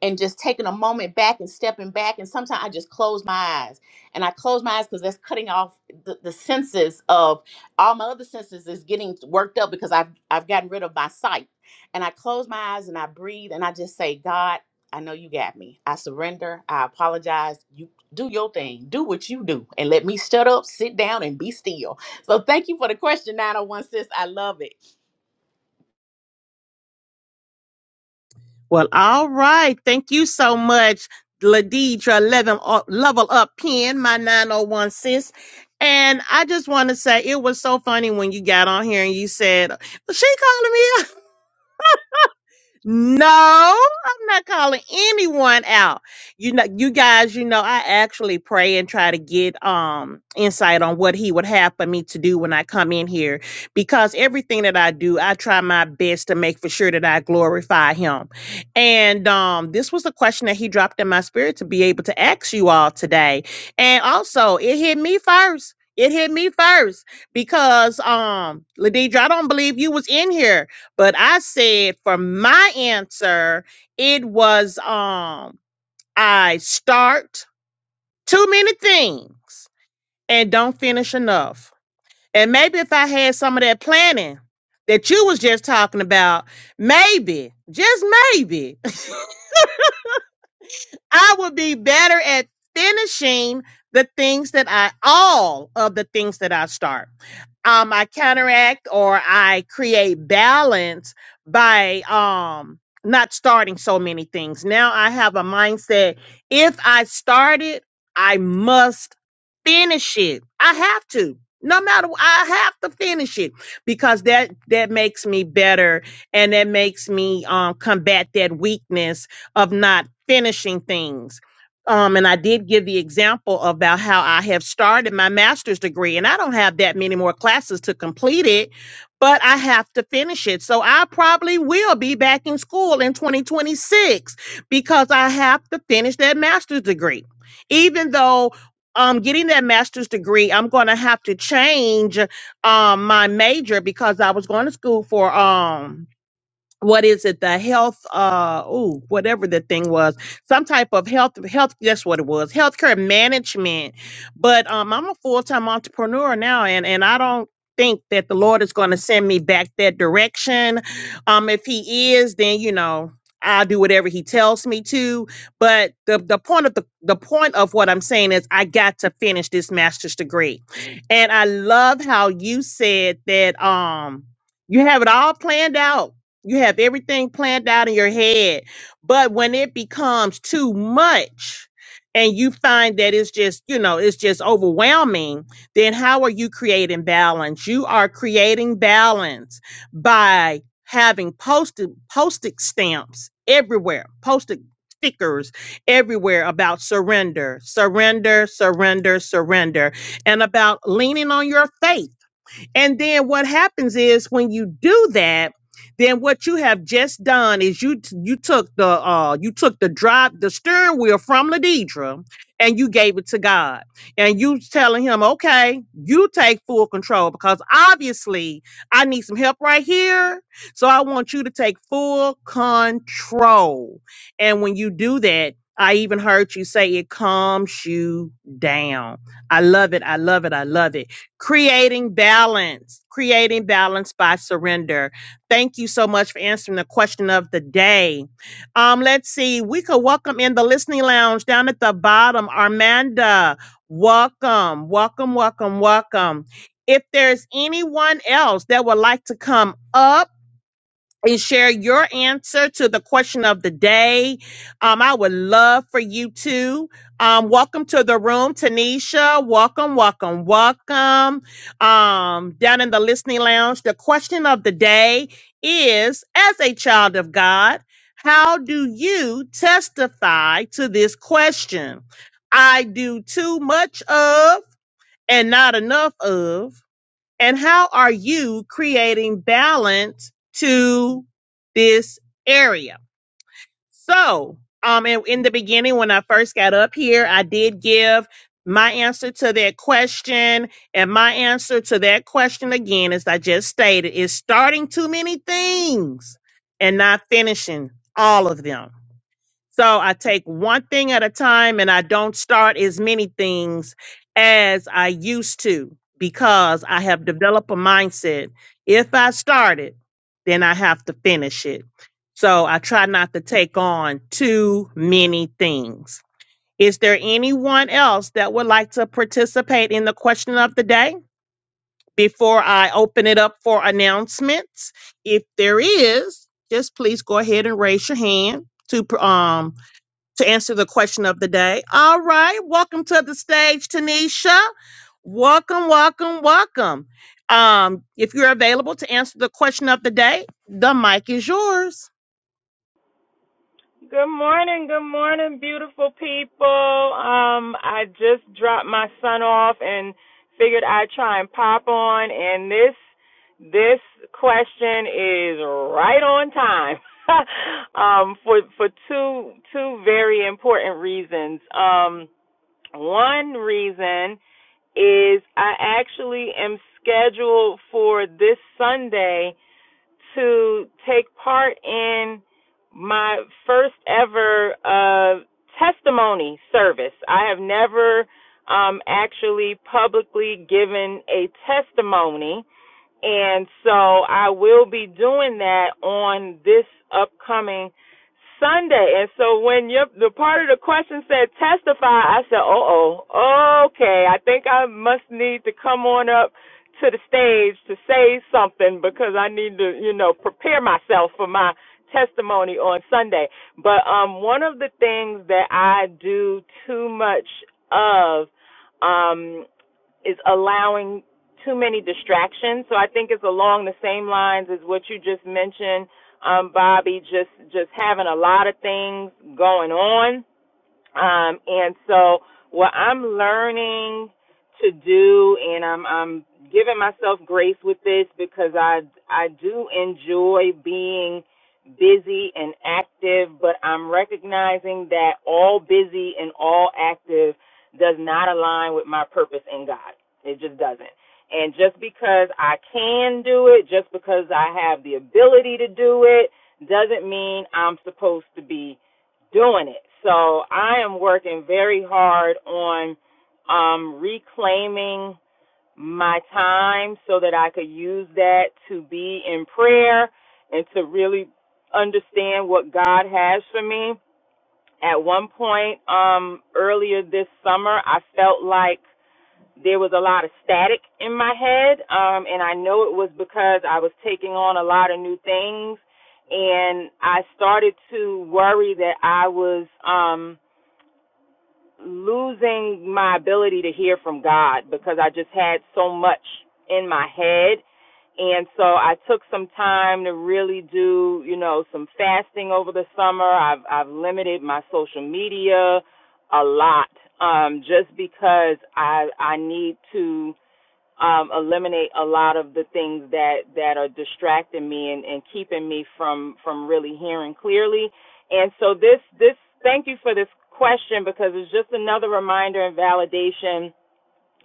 [SPEAKER 7] and just taking a moment back and stepping back. And sometimes I just close my eyes. And I close my eyes because that's cutting off the, the senses of all my other senses is getting worked up because I've I've gotten rid of my sight. And I close my eyes and I breathe and I just say, God, I know you got me. I surrender. I apologize. You do your thing. Do what you do. And let me shut up, sit down, and be still. So thank you for the question, 901 sis. I love it.
[SPEAKER 3] Well, all right. Thank you so much, Ladidra Level Up, Level Up Pen, my 901 sis. And I just want to say it was so funny when you got on here and you said, "She calling me." out. No, I'm not calling anyone out. You know, you guys, you know, I actually pray and try to get um insight on what he would have for me to do when I come in here because everything that I do, I try my best to make for sure that I glorify him. And um this was the question that he dropped in my spirit to be able to ask you all today. And also, it hit me first. It hit me first because um Ladidra, I don't believe you was in here but I said for my answer, it was um I start too many things and don't finish enough. And maybe if I had some of that planning that you was just talking about, maybe, just maybe I will be better at finishing the things that I, all of the things that I start. Um, I counteract or I create balance by um, not starting so many things. Now I have a mindset if I start it, I must finish it. I have to. No matter I have to finish it because that that makes me better and that makes me um combat that weakness of not finishing things. Um, and I did give the example about how I have started my master's degree, and I don't have that many more classes to complete it, but I have to finish it. So I probably will be back in school in 2026 because I have to finish that master's degree. Even though um, getting that master's degree, I'm going to have to change um, my major because I was going to school for. Um, what is it the health uh oh whatever the thing was some type of health health that's what it was healthcare management but um i'm a full-time entrepreneur now and and i don't think that the lord is going to send me back that direction um if he is then you know i'll do whatever he tells me to but the the point of the the point of what i'm saying is i got to finish this master's degree and i love how you said that um you have it all planned out you have everything planned out in your head. But when it becomes too much and you find that it's just, you know, it's just overwhelming, then how are you creating balance? You are creating balance by having posted postage stamps everywhere, posted stickers everywhere about surrender, surrender, surrender, surrender, and about leaning on your faith and then what happens is when you do that, then what you have just done is you t- you took the uh you took the drive the steering wheel from Ladidra and you gave it to God. And you telling him, okay, you take full control because obviously I need some help right here. So I want you to take full control. And when you do that, I even heard you say it calms you down. I love it. I love it. I love it creating balance creating balance by surrender thank you so much for answering the question of the day um let's see we could welcome in the listening lounge down at the bottom armanda welcome welcome welcome welcome if there's anyone else that would like to come up and share your answer to the question of the day. Um, I would love for you to. Um, welcome to the room, Tanisha. Welcome, welcome, welcome. Um, down in the listening lounge, the question of the day is as a child of God, how do you testify to this question? I do too much of and not enough of. And how are you creating balance to this area? So, um, in, in the beginning, when I first got up here, I did give my answer to that question. And my answer to that question, again, as I just stated, is starting too many things and not finishing all of them. So I take one thing at a time and I don't start as many things as I used to because I have developed a mindset. If I start it, then I have to finish it. So I try not to take on too many things. Is there anyone else that would like to participate in the question of the day before I open it up for announcements? If there is, just please go ahead and raise your hand to um to answer the question of the day. All right, welcome to the stage, Tanisha. Welcome, welcome, welcome. Um, if you're available to answer the question of the day, the mic is yours.
[SPEAKER 8] Good morning, good morning, beautiful people. Um, I just dropped my son off and figured I'd try and pop on and this this question is right on time. um for for two two very important reasons. Um one reason is I actually am scheduled for this Sunday to take part in my first ever uh, testimony service. I have never um, actually publicly given a testimony, and so I will be doing that on this upcoming Sunday. And so when your the part of the question said testify, I said, "Oh, oh, okay. I think I must need to come on up to the stage to say something because I need to, you know, prepare myself for my testimony on Sunday." But um one of the things that I do too much of um is allowing too many distractions. So I think it's along the same lines as what you just mentioned, um, Bobby. Just just having a lot of things going on um, and so what I'm learning to do, and I'm I'm giving myself grace with this because I I do enjoy being busy and active, but I'm recognizing that all busy and all active does not align with my purpose in God. It just doesn't. And just because I can do it, just because I have the ability to do it, doesn't mean I'm supposed to be doing it. So I am working very hard on um, reclaiming my time so that I could use that to be in prayer and to really understand what God has for me. At one point um, earlier this summer, I felt like there was a lot of static in my head um and I know it was because I was taking on a lot of new things and I started to worry that I was um losing my ability to hear from God because I just had so much in my head and so I took some time to really do, you know, some fasting over the summer. I've I've limited my social media a lot um just because I I need to um, eliminate a lot of the things that that are distracting me and, and keeping me from from really hearing clearly. And so this this thank you for this question because it's just another reminder and validation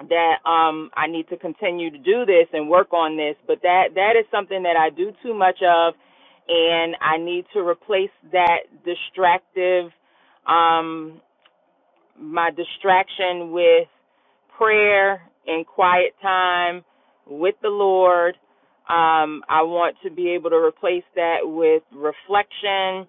[SPEAKER 8] that um, I need to continue to do this and work on this. But that that is something that I do too much of, and I need to replace that distractive. Um, my distraction with prayer and quiet time with the Lord. Um, I want to be able to replace that with reflection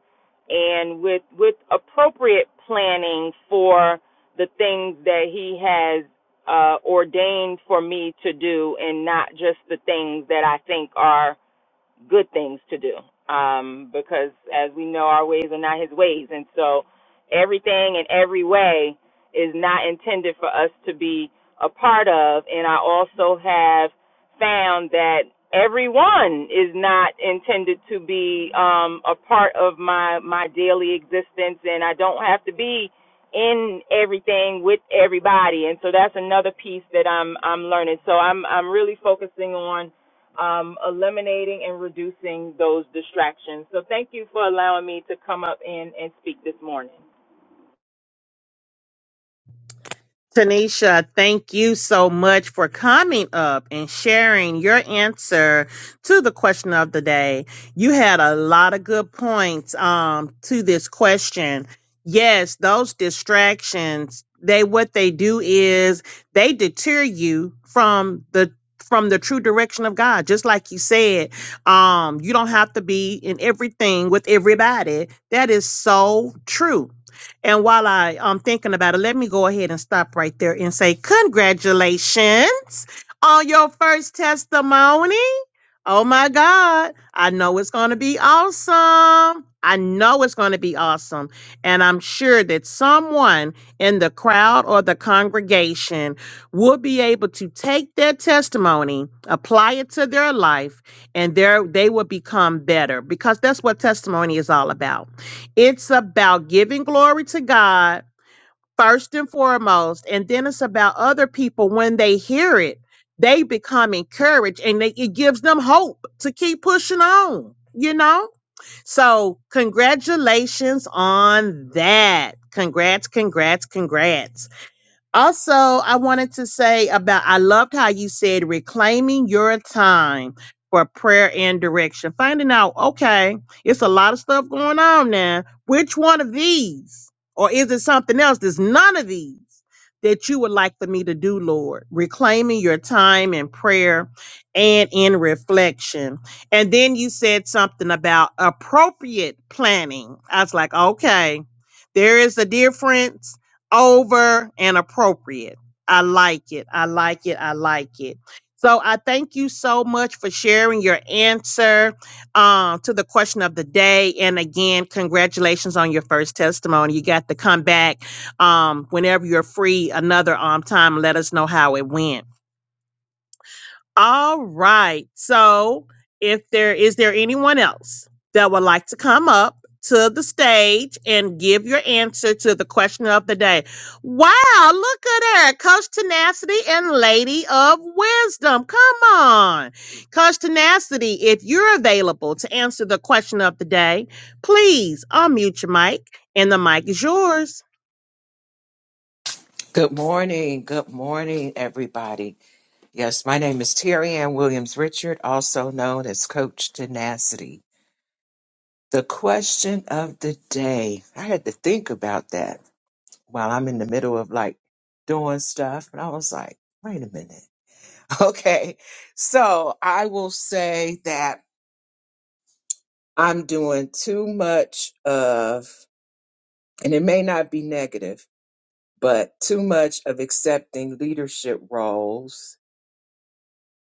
[SPEAKER 8] and with with appropriate planning for the things that He has uh, ordained for me to do, and not just the things that I think are good things to do um, because as we know our ways are not his ways and so everything and every way is not intended for us to be a part of and i also have found that everyone is not intended to be um, a part of my my daily existence and i don't have to be in everything with everybody and so that's another piece that i'm i'm learning so i'm i'm really focusing on um, eliminating and reducing those distractions. So thank you for allowing me to come up and, and speak this morning.
[SPEAKER 3] Tanisha, thank you so much for coming up and sharing your answer to the question of the day. You had a lot of good points um, to this question. Yes, those distractions, they what they do is they deter you from the from the true direction of God. Just like you said, um, you don't have to be in everything with everybody. That is so true and while I am thinking about it, let me go ahead and stop right there and say, Congratulations on your first testimony. Oh my God. I know it's going to be awesome. I know it's going to be awesome. And I'm sure that someone in the crowd or the congregation will be able to take their testimony, apply it to their life, and there they will become better because that's what testimony is all about. It's about giving glory to God first and foremost and then it's about other people when they hear it they become encouraged and they, it gives them hope to keep pushing on you know so congratulations on that congrats congrats congrats also, I wanted to say about I loved how you said reclaiming your time for prayer and direction. Finding out, okay, it's a lot of stuff going on now. Which one of these? Or is it something else? There's none of these that you would like for me to do, Lord. Reclaiming your time in prayer and in reflection. And then you said something about appropriate planning. I was like, okay, there is a difference over and appropriate. I like it. I like it. I like it. So I thank you so much for sharing your answer um, to the question of the day. And again, congratulations on your first testimony. You got to come back um, whenever you're free another um, time. Let us know how it went. All right. So, if there is there anyone else that would like to come up to the stage and give your answer to the question of the day? Wow, look at that. Coach Tenacity and Lady of Wisdom. Come on. Coach Tenacity, if you're available to answer the question of the day, please unmute your mic and the mic is yours.
[SPEAKER 9] Good morning. Good morning, everybody. Yes, my name is Terry Ann Williams Richard, also known as Coach Tenacity. The question of the day. I had to think about that while I'm in the middle of like doing stuff. And I was like, wait a minute. Okay. So I will say that I'm doing too much of, and it may not be negative, but too much of accepting leadership roles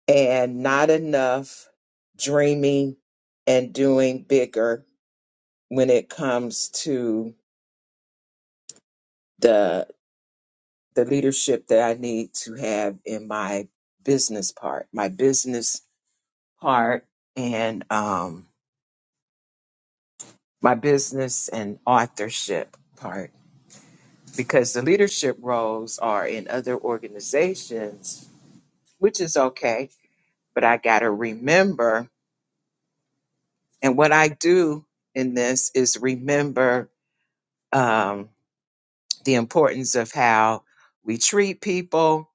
[SPEAKER 9] and not enough dreaming and doing bigger when it comes to the the leadership that I need to have in my business part, my business part and um my business and authorship part because the leadership roles are in other organizations, which is okay, but I got to remember and what I do in this is remember Um, the importance of how we treat people,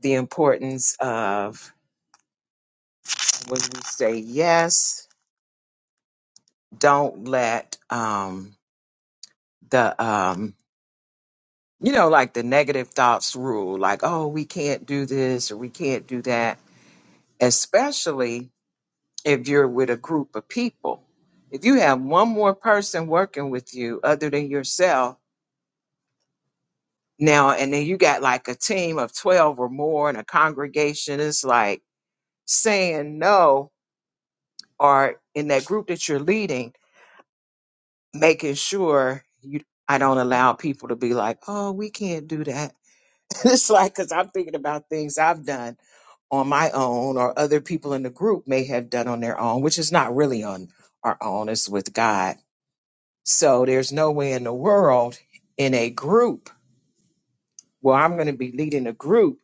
[SPEAKER 9] the importance of when we say yes, don't let um, the, um, you know, like the negative thoughts rule, like, oh, we can't do this or we can't do that, especially if you're with a group of people. If you have one more person working with you other than yourself, now, and then you got like a team of 12 or more in a congregation, it's like saying no or in that group that you're leading, making sure you I don't allow people to be like, oh, we can't do that. it's like because I'm thinking about things I've done on my own, or other people in the group may have done on their own, which is not really on our own. It's with God. So there's no way in the world in a group where I'm going to be leading a group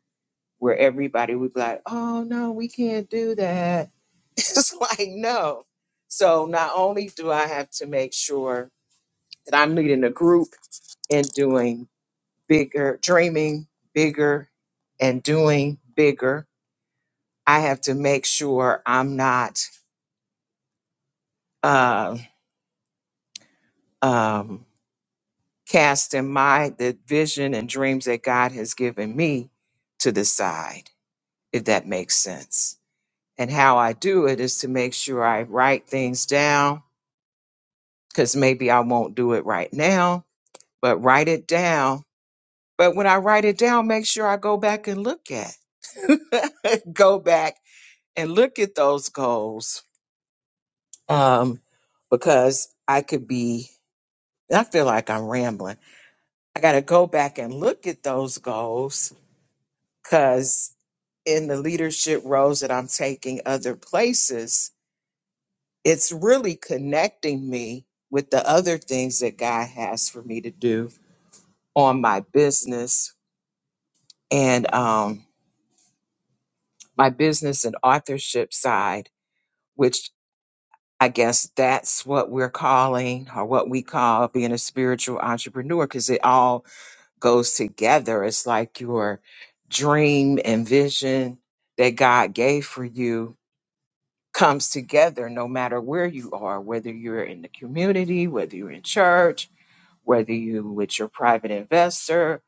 [SPEAKER 9] where everybody would be like, oh no, we can't do that. it's like no. So not only do I have to make sure that I'm leading a group and doing bigger, dreaming bigger and doing bigger. I have to make sure I'm not uh, um, casting my the vision and dreams that God has given me to the side, if that makes sense. And how I do it is to make sure I write things down because maybe I won't do it right now, but write it down But when I write it down, make sure I go back and look at, go back and look at those goals. Um, because I could be, I feel like I'm rambling. I got to go back and look at those goals because in the leadership roles that I'm taking other places, it's really connecting me with the other things that God has for me to do on my business and um, my business and authorship side which I guess that's what we're calling or what we call being a spiritual entrepreneur because it all goes together. It's like your dream and vision that God gave for you comes together no matter where you are, whether you're in the community, whether you're in church, whether you with your private investor,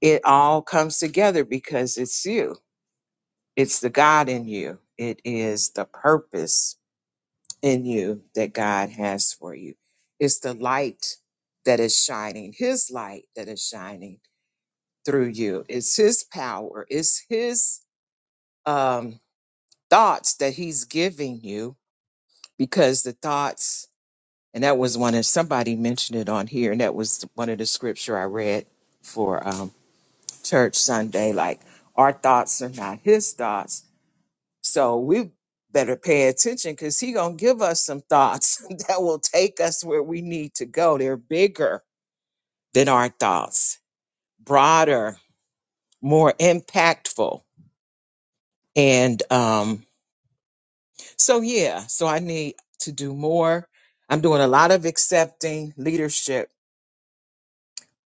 [SPEAKER 9] it all comes together because it's you. It's the God in you. It is the purpose in you that God has for you. It's the light that is shining, His light that is shining through you. It's His power, it's His um, thoughts that He's giving you because the thoughts, and that was one of somebody mentioned it on here, and that was one of the scripture I read for um, church Sunday like, our thoughts are not His thoughts So we better pay attention because he gonna give us some thoughts that will take us where we need to go. They're bigger than our thoughts, broader, more impactful. And um, so yeah, so I need to do more. I'm doing a lot of accepting leadership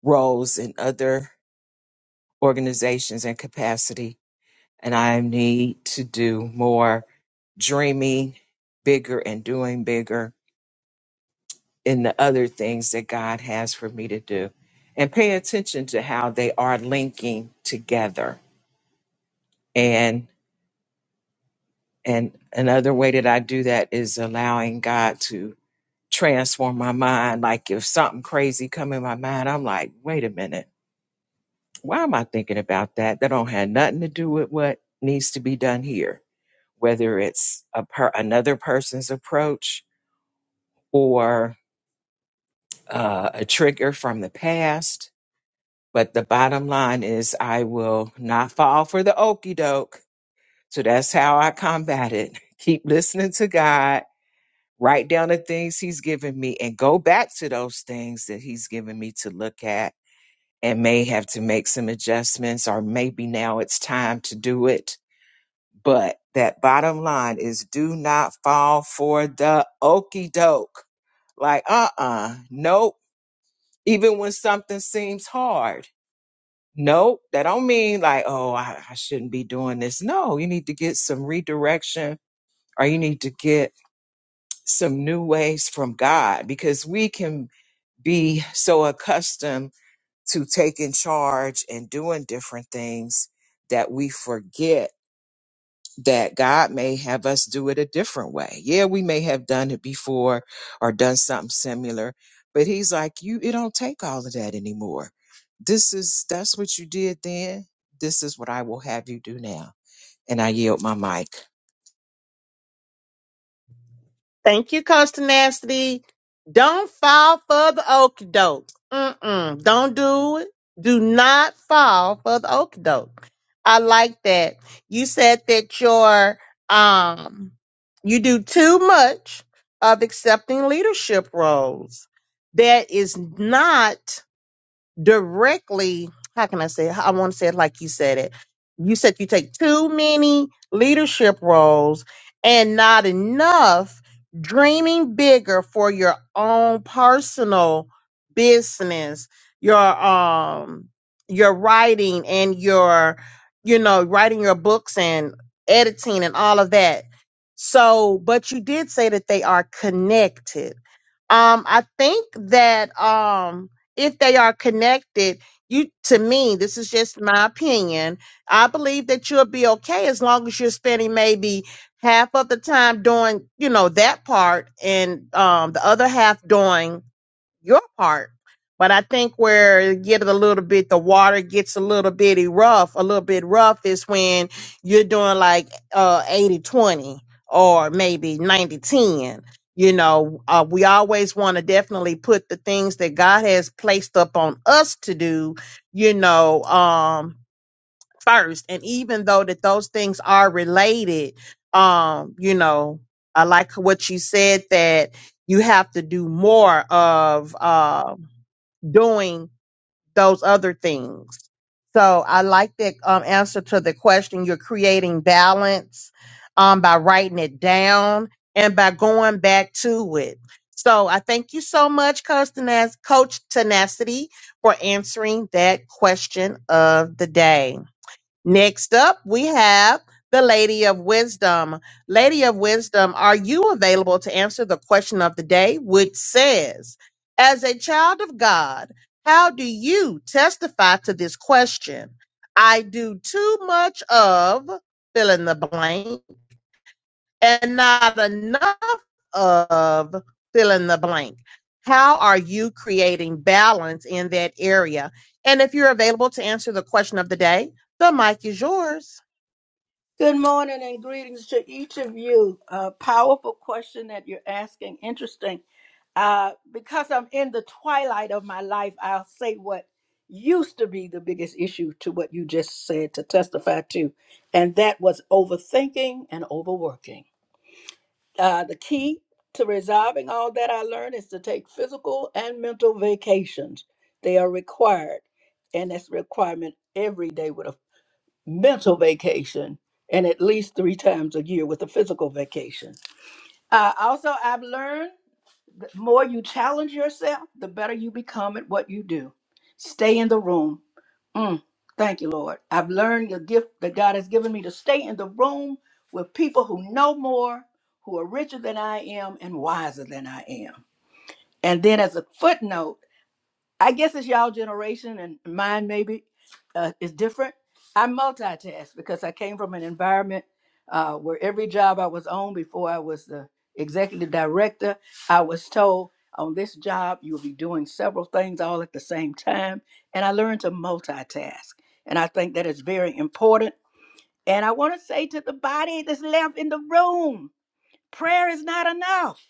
[SPEAKER 9] roles in other organizations and capacity, and I need to do more dreaming bigger and doing bigger in the other things that God has for me to do. And pay attention to how they are linking together. And and another way that I do that is allowing God to transform my mind. Like if something crazy come in my mind, I'm like, wait a minute, why am I thinking about that? That don't have nothing to do with what needs to be done here. Whether it's a per- another person's approach or uh, a trigger from the past, But the bottom line is, I will not fall for the okey doke. So that's how I combat it. Keep listening to God, write down the things He's given me, and go back to those things that He's given me to look at and may have to make some adjustments, or maybe now it's time to do it. But that bottom line is do not fall for the okey doke. Like, uh uh, nope. Even when something seems hard No, that don't mean like, oh, I, I shouldn't be doing this. No, you need to get some redirection or you need to get some new ways from God because we can be so accustomed to taking charge and doing different things that we forget that God may have us do it a different way. Yeah, we may have done it before or done something similar, but he's like, you, it don't take all of that anymore. This is, that's what you did then. This is what I will have you do now. And I yield my mic.
[SPEAKER 3] Thank you, Coach Tenacity. Don't fall for the okie doke. Mm-mm. Don't do it. Do not fall for the okie doke. I like that. You said that your um you do too much of accepting leadership roles. That is not directly how can i say it? i want to say it like you said it you said you take too many leadership roles and not enough dreaming bigger for your own personal business your um your writing and your you know writing your books and editing and all of that so but you did say that they are connected um i think that um if they are connected you to me this is just my opinion i believe that you'll be okay as long as you're spending maybe half of the time doing you know that part and um, the other half doing your part. But I think where it get a little bit, the water gets a little bitty rough, a little bit rough is when you're doing like uh 80 twenty or maybe 90 10. You know, uh, we always want to definitely put the things that God has placed up on us to do, you know, um, first. And even though that those things are related, um, you know, I like what you said that you have to do more of uh, doing those other things. So I like that um, answer to the question. You're creating balance um, by writing it down and by going back to it. So I thank you so much, Coach Tenac- Coach Tenacity, for answering that question of the day. Next up, we have the Lady of Wisdom. Lady of Wisdom, are you available to answer the question of the day, which says, As a child of God, how do you testify to this question? I do too much of fill in the blank and not enough of fill in the blank. How are you creating balance in that area? And if you're available to answer the question of the day, the mic is yours.
[SPEAKER 10] Good morning and greetings to each of you. A powerful question that you're asking. Interesting. Uh, because I'm in the twilight of my life, I'll say what used to be the biggest issue to what you just said to testify to, and that was overthinking and overworking. Uh, the key to resolving all that I learned is to take physical and mental vacations. They are required, and that's requirement every day with a mental vacation and at least three times a year with a physical vacation. Uh, also, I've learned the more you challenge yourself, the better you become at what you do. Stay in the room. Mm, thank you, Lord. I've learned the gift that God has given me to stay in the room with people who know more, who are richer than I am, and wiser than I am. And then, as a footnote, I guess it's y'all generation and mine maybe uh, is different. I multitask because I came from an environment uh, where every job I was on before I was the executive director, I was told on this job you'll be doing several things all at the same time, and I learned to multitask, and I think that is very important. And I want to say to the body that's left in the room, prayer is not enough.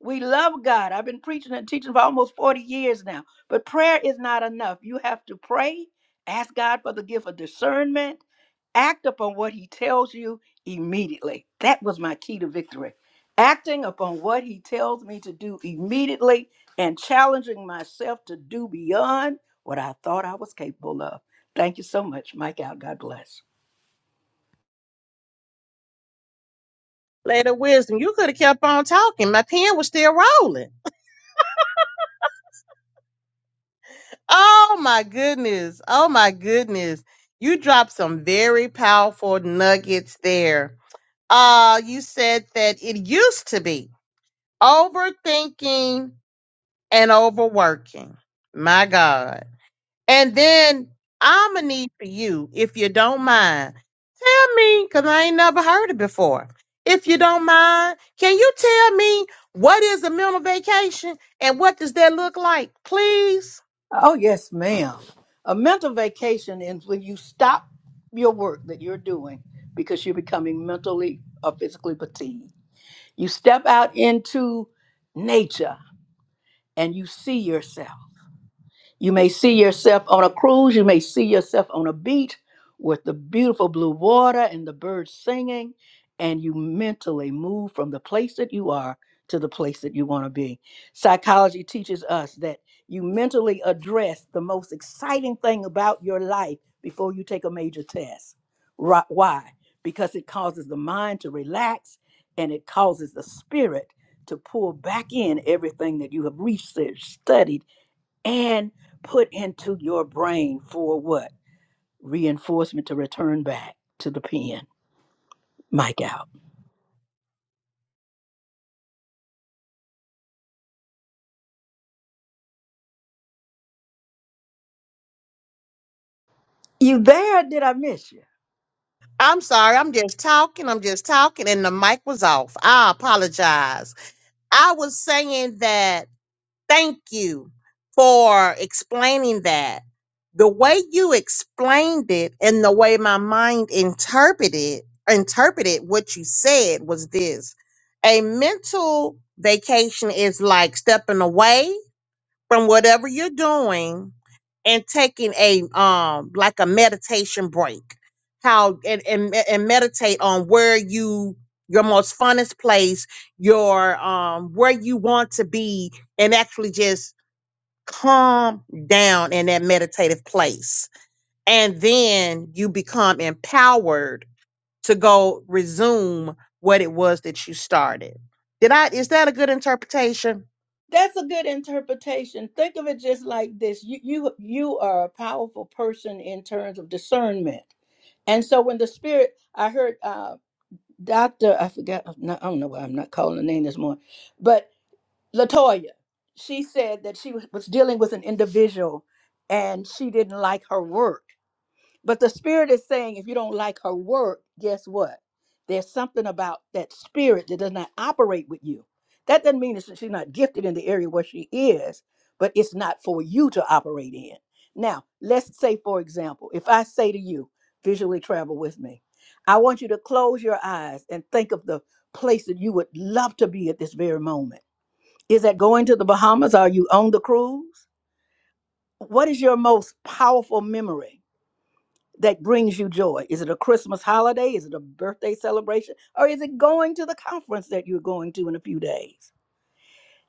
[SPEAKER 10] We love God. I've been preaching and teaching for almost 40 years now, but prayer is not enough. You have to pray, ask God for the gift of discernment, act upon what He tells you immediately. That was my key to victory. Acting upon what He tells me to do immediately and challenging myself to do beyond what I thought I was capable of. Thank you so much. Mike out. God bless.
[SPEAKER 3] Lady of Wisdom, you could have kept on talking. My pen was still rolling. Oh my goodness. Oh my goodness. You dropped some very powerful nuggets there. Uh, you said that it used to be overthinking and overworking. My God. And then I'm gonna need for you, if you don't mind, tell me, because I ain't never heard it before. If you don't mind, can you tell me what is a mental vacation and what does that look like, please?
[SPEAKER 10] Oh, yes, ma'am. A mental vacation is when you stop your work that you're doing because you're becoming mentally or physically fatigued. You step out into nature and you see yourself. You may see yourself on a cruise, you may see yourself on a beach with the beautiful blue water and the birds singing, and you mentally move from the place that you are to the place that you want to be. Psychology teaches us that you mentally address the most exciting thing about your life before you take a major test. Ri- Why? Because it causes the mind to relax and it causes the spirit to pull back in everything that you have researched, studied, and put into your brain for what? Reinforcement to return back to the pen. Mike out. You there? Did I miss you?
[SPEAKER 3] I'm sorry, I'm just talking, I'm just talking, and the mic was off. I apologize. I was saying that thank you for explaining that. The way you explained it and the way my mind interpreted interpreted what you said was this. A mental vacation is like stepping away from whatever you're doing and taking a um like a meditation break how and and, me- and meditate on where you your most funnest place your um where you want to be and actually just calm down in that meditative place and then you become empowered to go resume what it was that you started did i is that a good interpretation
[SPEAKER 10] That's a good interpretation. Think of it just like this. You you you are a powerful person in terms of discernment. And so when the spirit I heard uh Dr. I forgot I don't know why I'm not calling the name this morning, but Latoya, she said that she was was dealing with an individual and she didn't like her work But the spirit is saying, if you don't like her work, guess what? There's something about that spirit that does not operate with you. That doesn't mean that she's not gifted in the area where she is, but it's not for you to operate in. Now, let's say, for example, if I say to you, visually travel with me, I want you to close your eyes and think of the place that you would love to be at this very moment. Is that going to the Bahamas? Are you on the cruise? What is your most powerful memory? that brings you joy? Is it a Christmas holiday? Is it a birthday celebration? Or is it going to the conference that you're going to in a few days?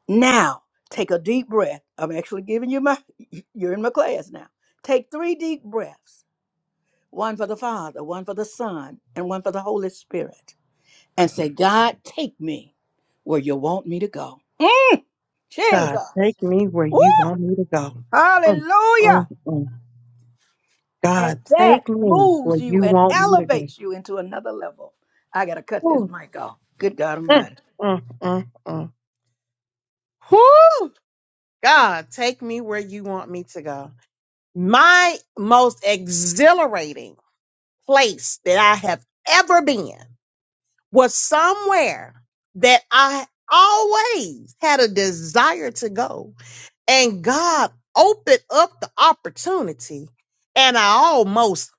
[SPEAKER 10] Now, take a deep breath. I'm actually giving you my, you're in my class now. Take three deep breaths one for the Father, one for the Son, and one for the Holy Spirit. And say, God, take me where you want me to go. Mm,
[SPEAKER 3] God,
[SPEAKER 10] Jesus.
[SPEAKER 3] take me where
[SPEAKER 10] Woo!
[SPEAKER 3] you want me to go. Mm,
[SPEAKER 10] Hallelujah.
[SPEAKER 3] mm, mm.
[SPEAKER 10] And
[SPEAKER 3] God,
[SPEAKER 10] that
[SPEAKER 3] take me
[SPEAKER 10] moves
[SPEAKER 3] where
[SPEAKER 10] you
[SPEAKER 3] you
[SPEAKER 10] and
[SPEAKER 3] want me to go.
[SPEAKER 10] elevates you into another level. I got to cut this
[SPEAKER 3] Ooh,
[SPEAKER 10] mic off. Good God
[SPEAKER 3] mm,
[SPEAKER 10] Almighty.
[SPEAKER 3] mm, mm, mm. Whew. God, take me where you want me to go. My most exhilarating place that I have ever been was somewhere that I always had a desire to go and God opened up the opportunity and I almost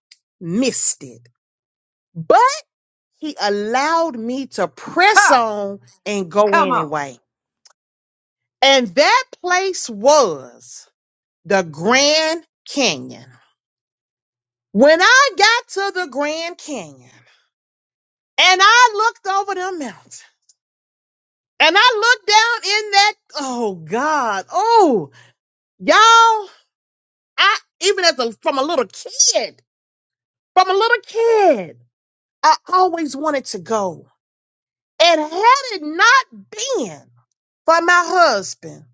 [SPEAKER 3] missed it. But he allowed me to press
[SPEAKER 10] Ha!
[SPEAKER 3] on and go
[SPEAKER 10] Come on.
[SPEAKER 3] anyway. And that place was the Grand Canyon. When I got to the Grand Canyon and I looked over the mountain and I looked down in that, oh God, oh, y'all, I, even as a, from a little kid, from a little kid. I always wanted to go. And had it not been for my husband,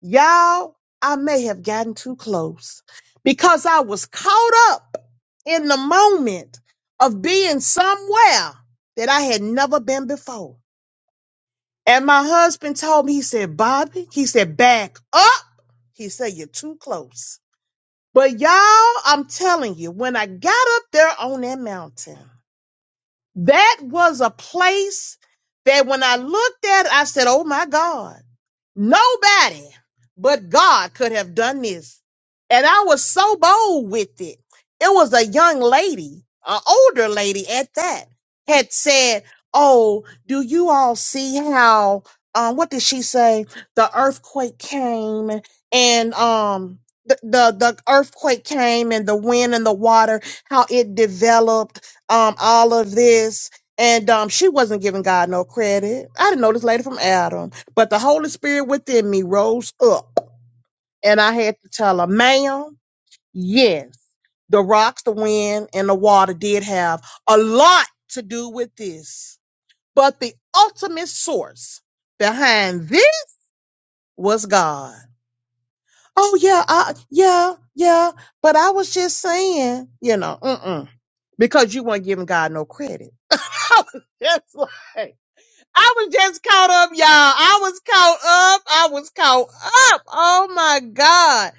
[SPEAKER 3] y'all, I may have gotten too close because I was caught up in the moment of being somewhere that I had never been before. And my husband told me, he said, Bobby, he said, back up. He said, you're too close. But y'all, I'm telling you, when I got up there on that mountain, That was a place that when I looked at, it, I said, Oh my God. Nobody but God could have done this. And I was so bold with it. It was a young lady, an older lady at that, had said, Oh, do you all see how, um, what did she say? The earthquake came and, um, the, the the earthquake came and the wind and the water how it developed um all of this and um she wasn't giving god no credit i didn't know this lady from adam but the Holy Spirit within me rose up, and I had to tell her, ma'am, yes, the rocks, the wind, and the water did have a lot to do with this. But the ultimate source behind this was God. Oh, yeah, I, yeah, yeah. But I was just saying, you know, mm-mm, because you weren't giving God no credit. I was just like, I was just caught up, y'all. I was caught up. I was caught up. Oh my God.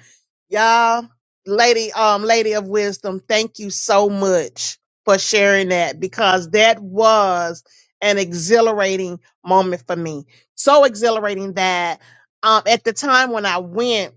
[SPEAKER 3] Y'all, lady, um, lady of wisdom, thank you so much for sharing that because that was an exhilarating moment for me. So exhilarating that um at the time when I went.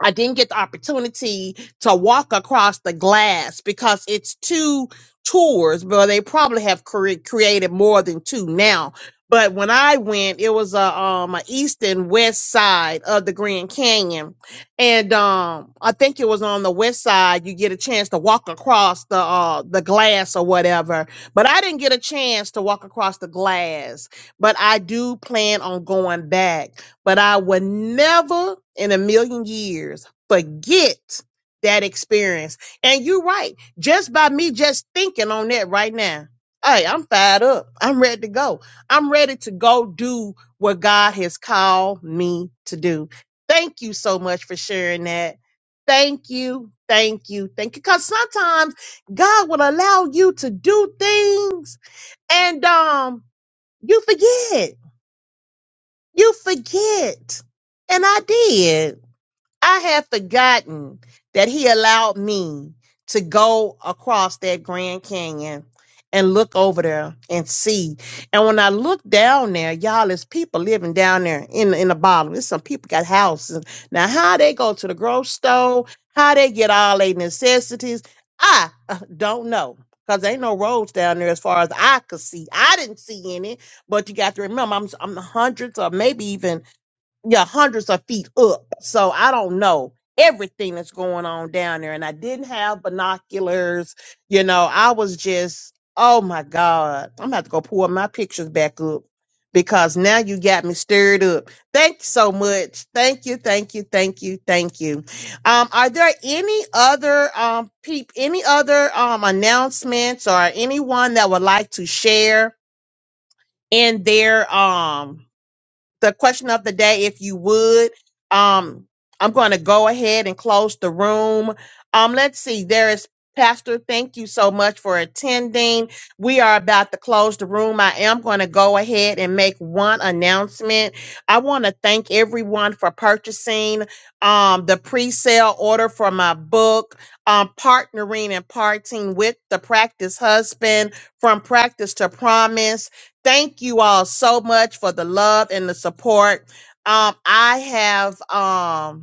[SPEAKER 3] I didn't get the opportunity to walk across the glass because it's two tours, but they probably have cre- created more than two now. But when I went, it was a um a east and west side of the Grand Canyon, and um I think it was on the west side. You get a chance to walk across the uh the glass or whatever, but I didn't get a chance to walk across the glass. But I do plan on going back but I would never in a million years forget that experience. And you're right. Just by me just thinking on that right now, hey, I'm fired up. I'm ready to go. I'm ready to go do what God has called me to do. Thank you so much for sharing that. Thank you. Thank you. Thank you. Cause sometimes God will allow you to do things and, um, you forget you forget. And I did. I had forgotten that he allowed me to go across that Grand Canyon and look over there and see. And when I look down there, y'all, there's people living down there in in the bottom. There's some people got houses. Now, how they go to the grocery store, how they get all their necessities, I uh, don't know. Cause ain't no roads down there as far as I could see. I didn't see any, but you got to remember, I'm, I'm hundreds or maybe even yeah, hundreds of feet up. So I don't know everything that's going on down there. And I didn't have binoculars. You know, I was just, oh my God, I'm about to go pull my pictures back up because now you got me stirred up. Thank you so much. Thank you, thank you, thank you, thank you. Um, are there any other um peep any other um announcements or anyone that would like to share in their um the question of the day, if you would. Um, I'm going to go ahead and close the room. Um, let's see. There is Pastor. Thank you so much for attending. We are about to close the room. I am going to go ahead and make one announcement. I want to thank everyone for purchasing um, the pre-sale order for my book, um, partnering and parting with the practice husband from practice to promise. Thank you all so much for the love and the support. Um, I have um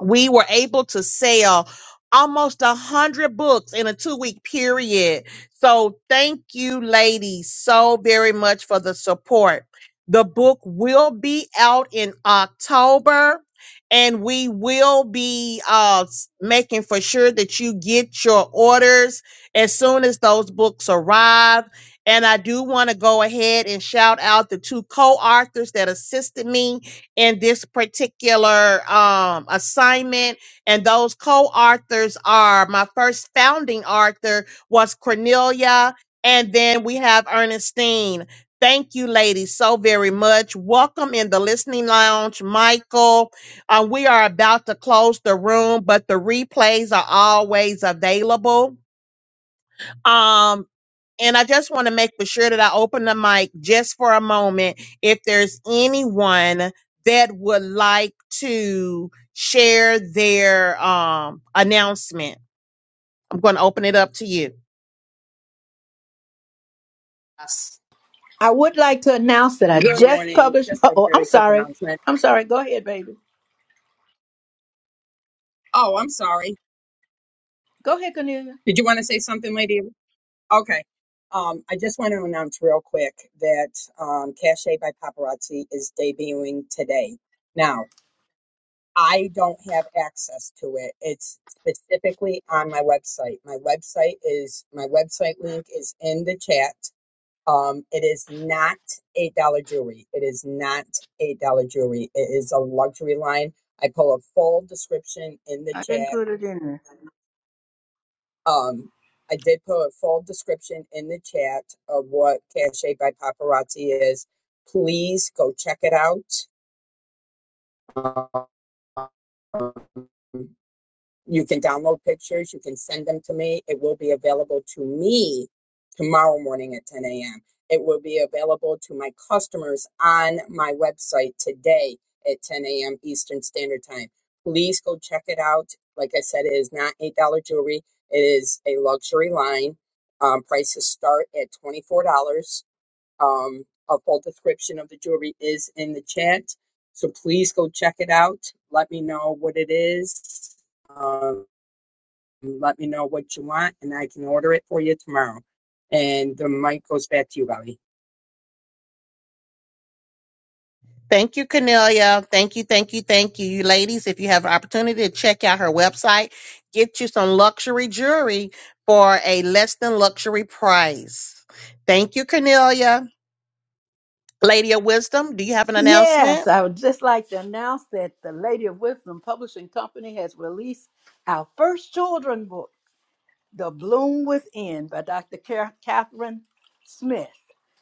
[SPEAKER 3] we were able to sell almost a hundred books in a two week period. So thank you, ladies, so very much for the support. The book will be out in October. And we will be uh, s- making for sure that you get your orders as soon as those books arrive. And I do want to go ahead and shout out the two co authors that assisted me in this particular um, assignment. And those co authors are my first founding author was Cornelia, and then we have Ernestine. Thank you, ladies, so very much. Welcome in the listening lounge, Michael. Uh, we are about to close the room, but the replays are always available. Um, and I just want to make for sure that I open the mic just for a moment. If there's anyone that would like to share their um, announcement, I'm going to open it up to you.
[SPEAKER 4] Yes.
[SPEAKER 10] I would like to announce that I
[SPEAKER 4] Good
[SPEAKER 10] just
[SPEAKER 4] morning.
[SPEAKER 10] published.
[SPEAKER 4] Just
[SPEAKER 10] Uh
[SPEAKER 4] a
[SPEAKER 10] oh, I'm
[SPEAKER 4] very quick
[SPEAKER 10] sorry.
[SPEAKER 4] announcement.
[SPEAKER 10] I'm sorry. Go ahead, baby.
[SPEAKER 4] Oh, I'm sorry.
[SPEAKER 10] Go ahead, Cornelia.
[SPEAKER 4] Did you want to say something, lady? Okay. Um, I just want to announce real quick that um, Cache by Paparazzi is debuting today. Now, I don't have access to it. It's specifically on my website. My website is my website link is in the chat. Um, it is not eight dollar jewelry. It is not eight dollar jewelry. It is a luxury line. I pull a full description in the
[SPEAKER 10] I didn't
[SPEAKER 4] chat.
[SPEAKER 10] put it in there.
[SPEAKER 4] Um, I did put a full description in the chat of what Cache by Paparazzi is. Please go check it out. You can download pictures, you can send them to me. It will be available to me tomorrow morning at 10 a.m. It will be available to my customers on my website today at 10 a.m. Eastern Standard Time. Please go check it out. Like I said, it is not $8 jewelry, it is a luxury line. Um, prices start at $24. Um, a full description of the jewelry is in the chat. So please go check it out. Let me know what it is. Uh, let me know what you want, and I can order it for you tomorrow. And the mic goes back to you, Bobby.
[SPEAKER 3] Thank you, Cornelia. Thank you, thank you, thank you. You ladies, if you have an opportunity to check out her website, get you some luxury jewelry for a less than luxury price. Thank you, Cornelia. Lady of Wisdom, do you have an announcement?
[SPEAKER 10] Yes, I would just like to announce that the Lady of Wisdom Publishing Company has released our first children book. The Bloom Within by Dr. Car- Catherine Smith.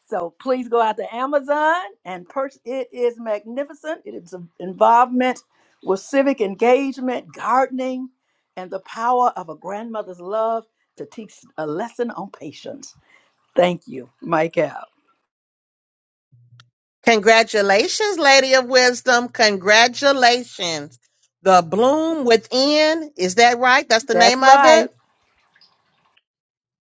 [SPEAKER 10] So please go out to Amazon and purchase. It is magnificent. It is involvement with civic engagement, gardening, and the power of a grandmother's love to teach a lesson on patience. Thank you, Mike out.
[SPEAKER 3] Congratulations, Lady of Wisdom. Congratulations. The Bloom Within. Is that right? That's the
[SPEAKER 10] That's
[SPEAKER 3] name of
[SPEAKER 10] right.
[SPEAKER 3] it.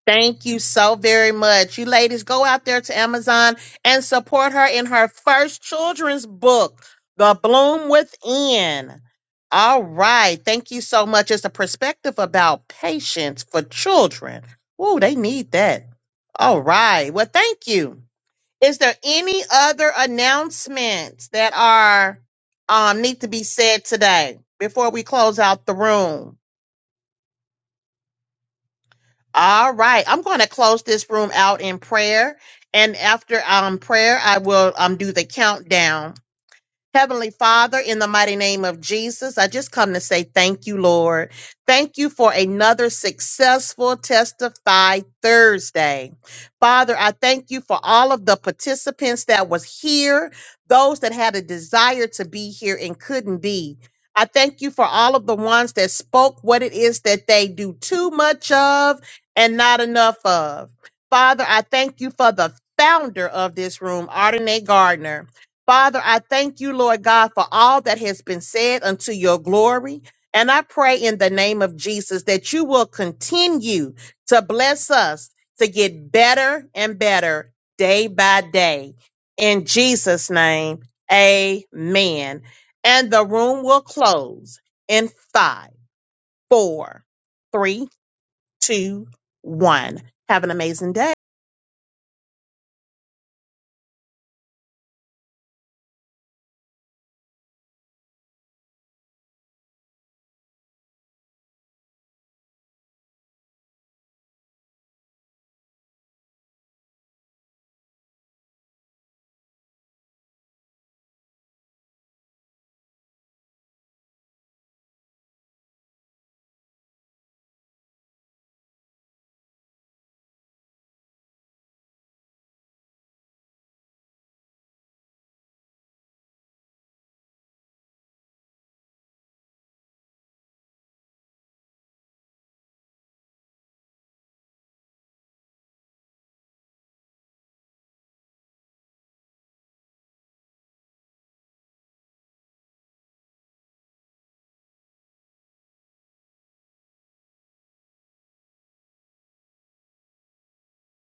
[SPEAKER 3] Thank you so very much. You ladies go out there to Amazon and support her in her first children's book, The Bloom Within. All right. Thank you so much. It's a perspective about patience for children. Ooh, they need that. All right. Well, thank you. Is there any other announcements that are um, need to be said today before we close out the room? All right, I'm going to close this room out in prayer, and after um prayer, I will um do the countdown. Heavenly Father, in the mighty name of Jesus, I just come to say thank you, Lord. Thank you for another successful Testify Thursday. Father, I thank you for all of the participants that was here, those that had a desire to be here and couldn't be. I thank you for all of the ones that spoke what it is that they do too much of and not enough of. Father, I thank you for the founder of this room, Ardenae Gardner. Father, I thank you, Lord God, for all that has been said unto your glory. And I pray in the name of Jesus that you will continue to bless us to get better and better day by day. In Jesus' name, amen. And the room will close in five, four, three, two, one. Have an amazing day.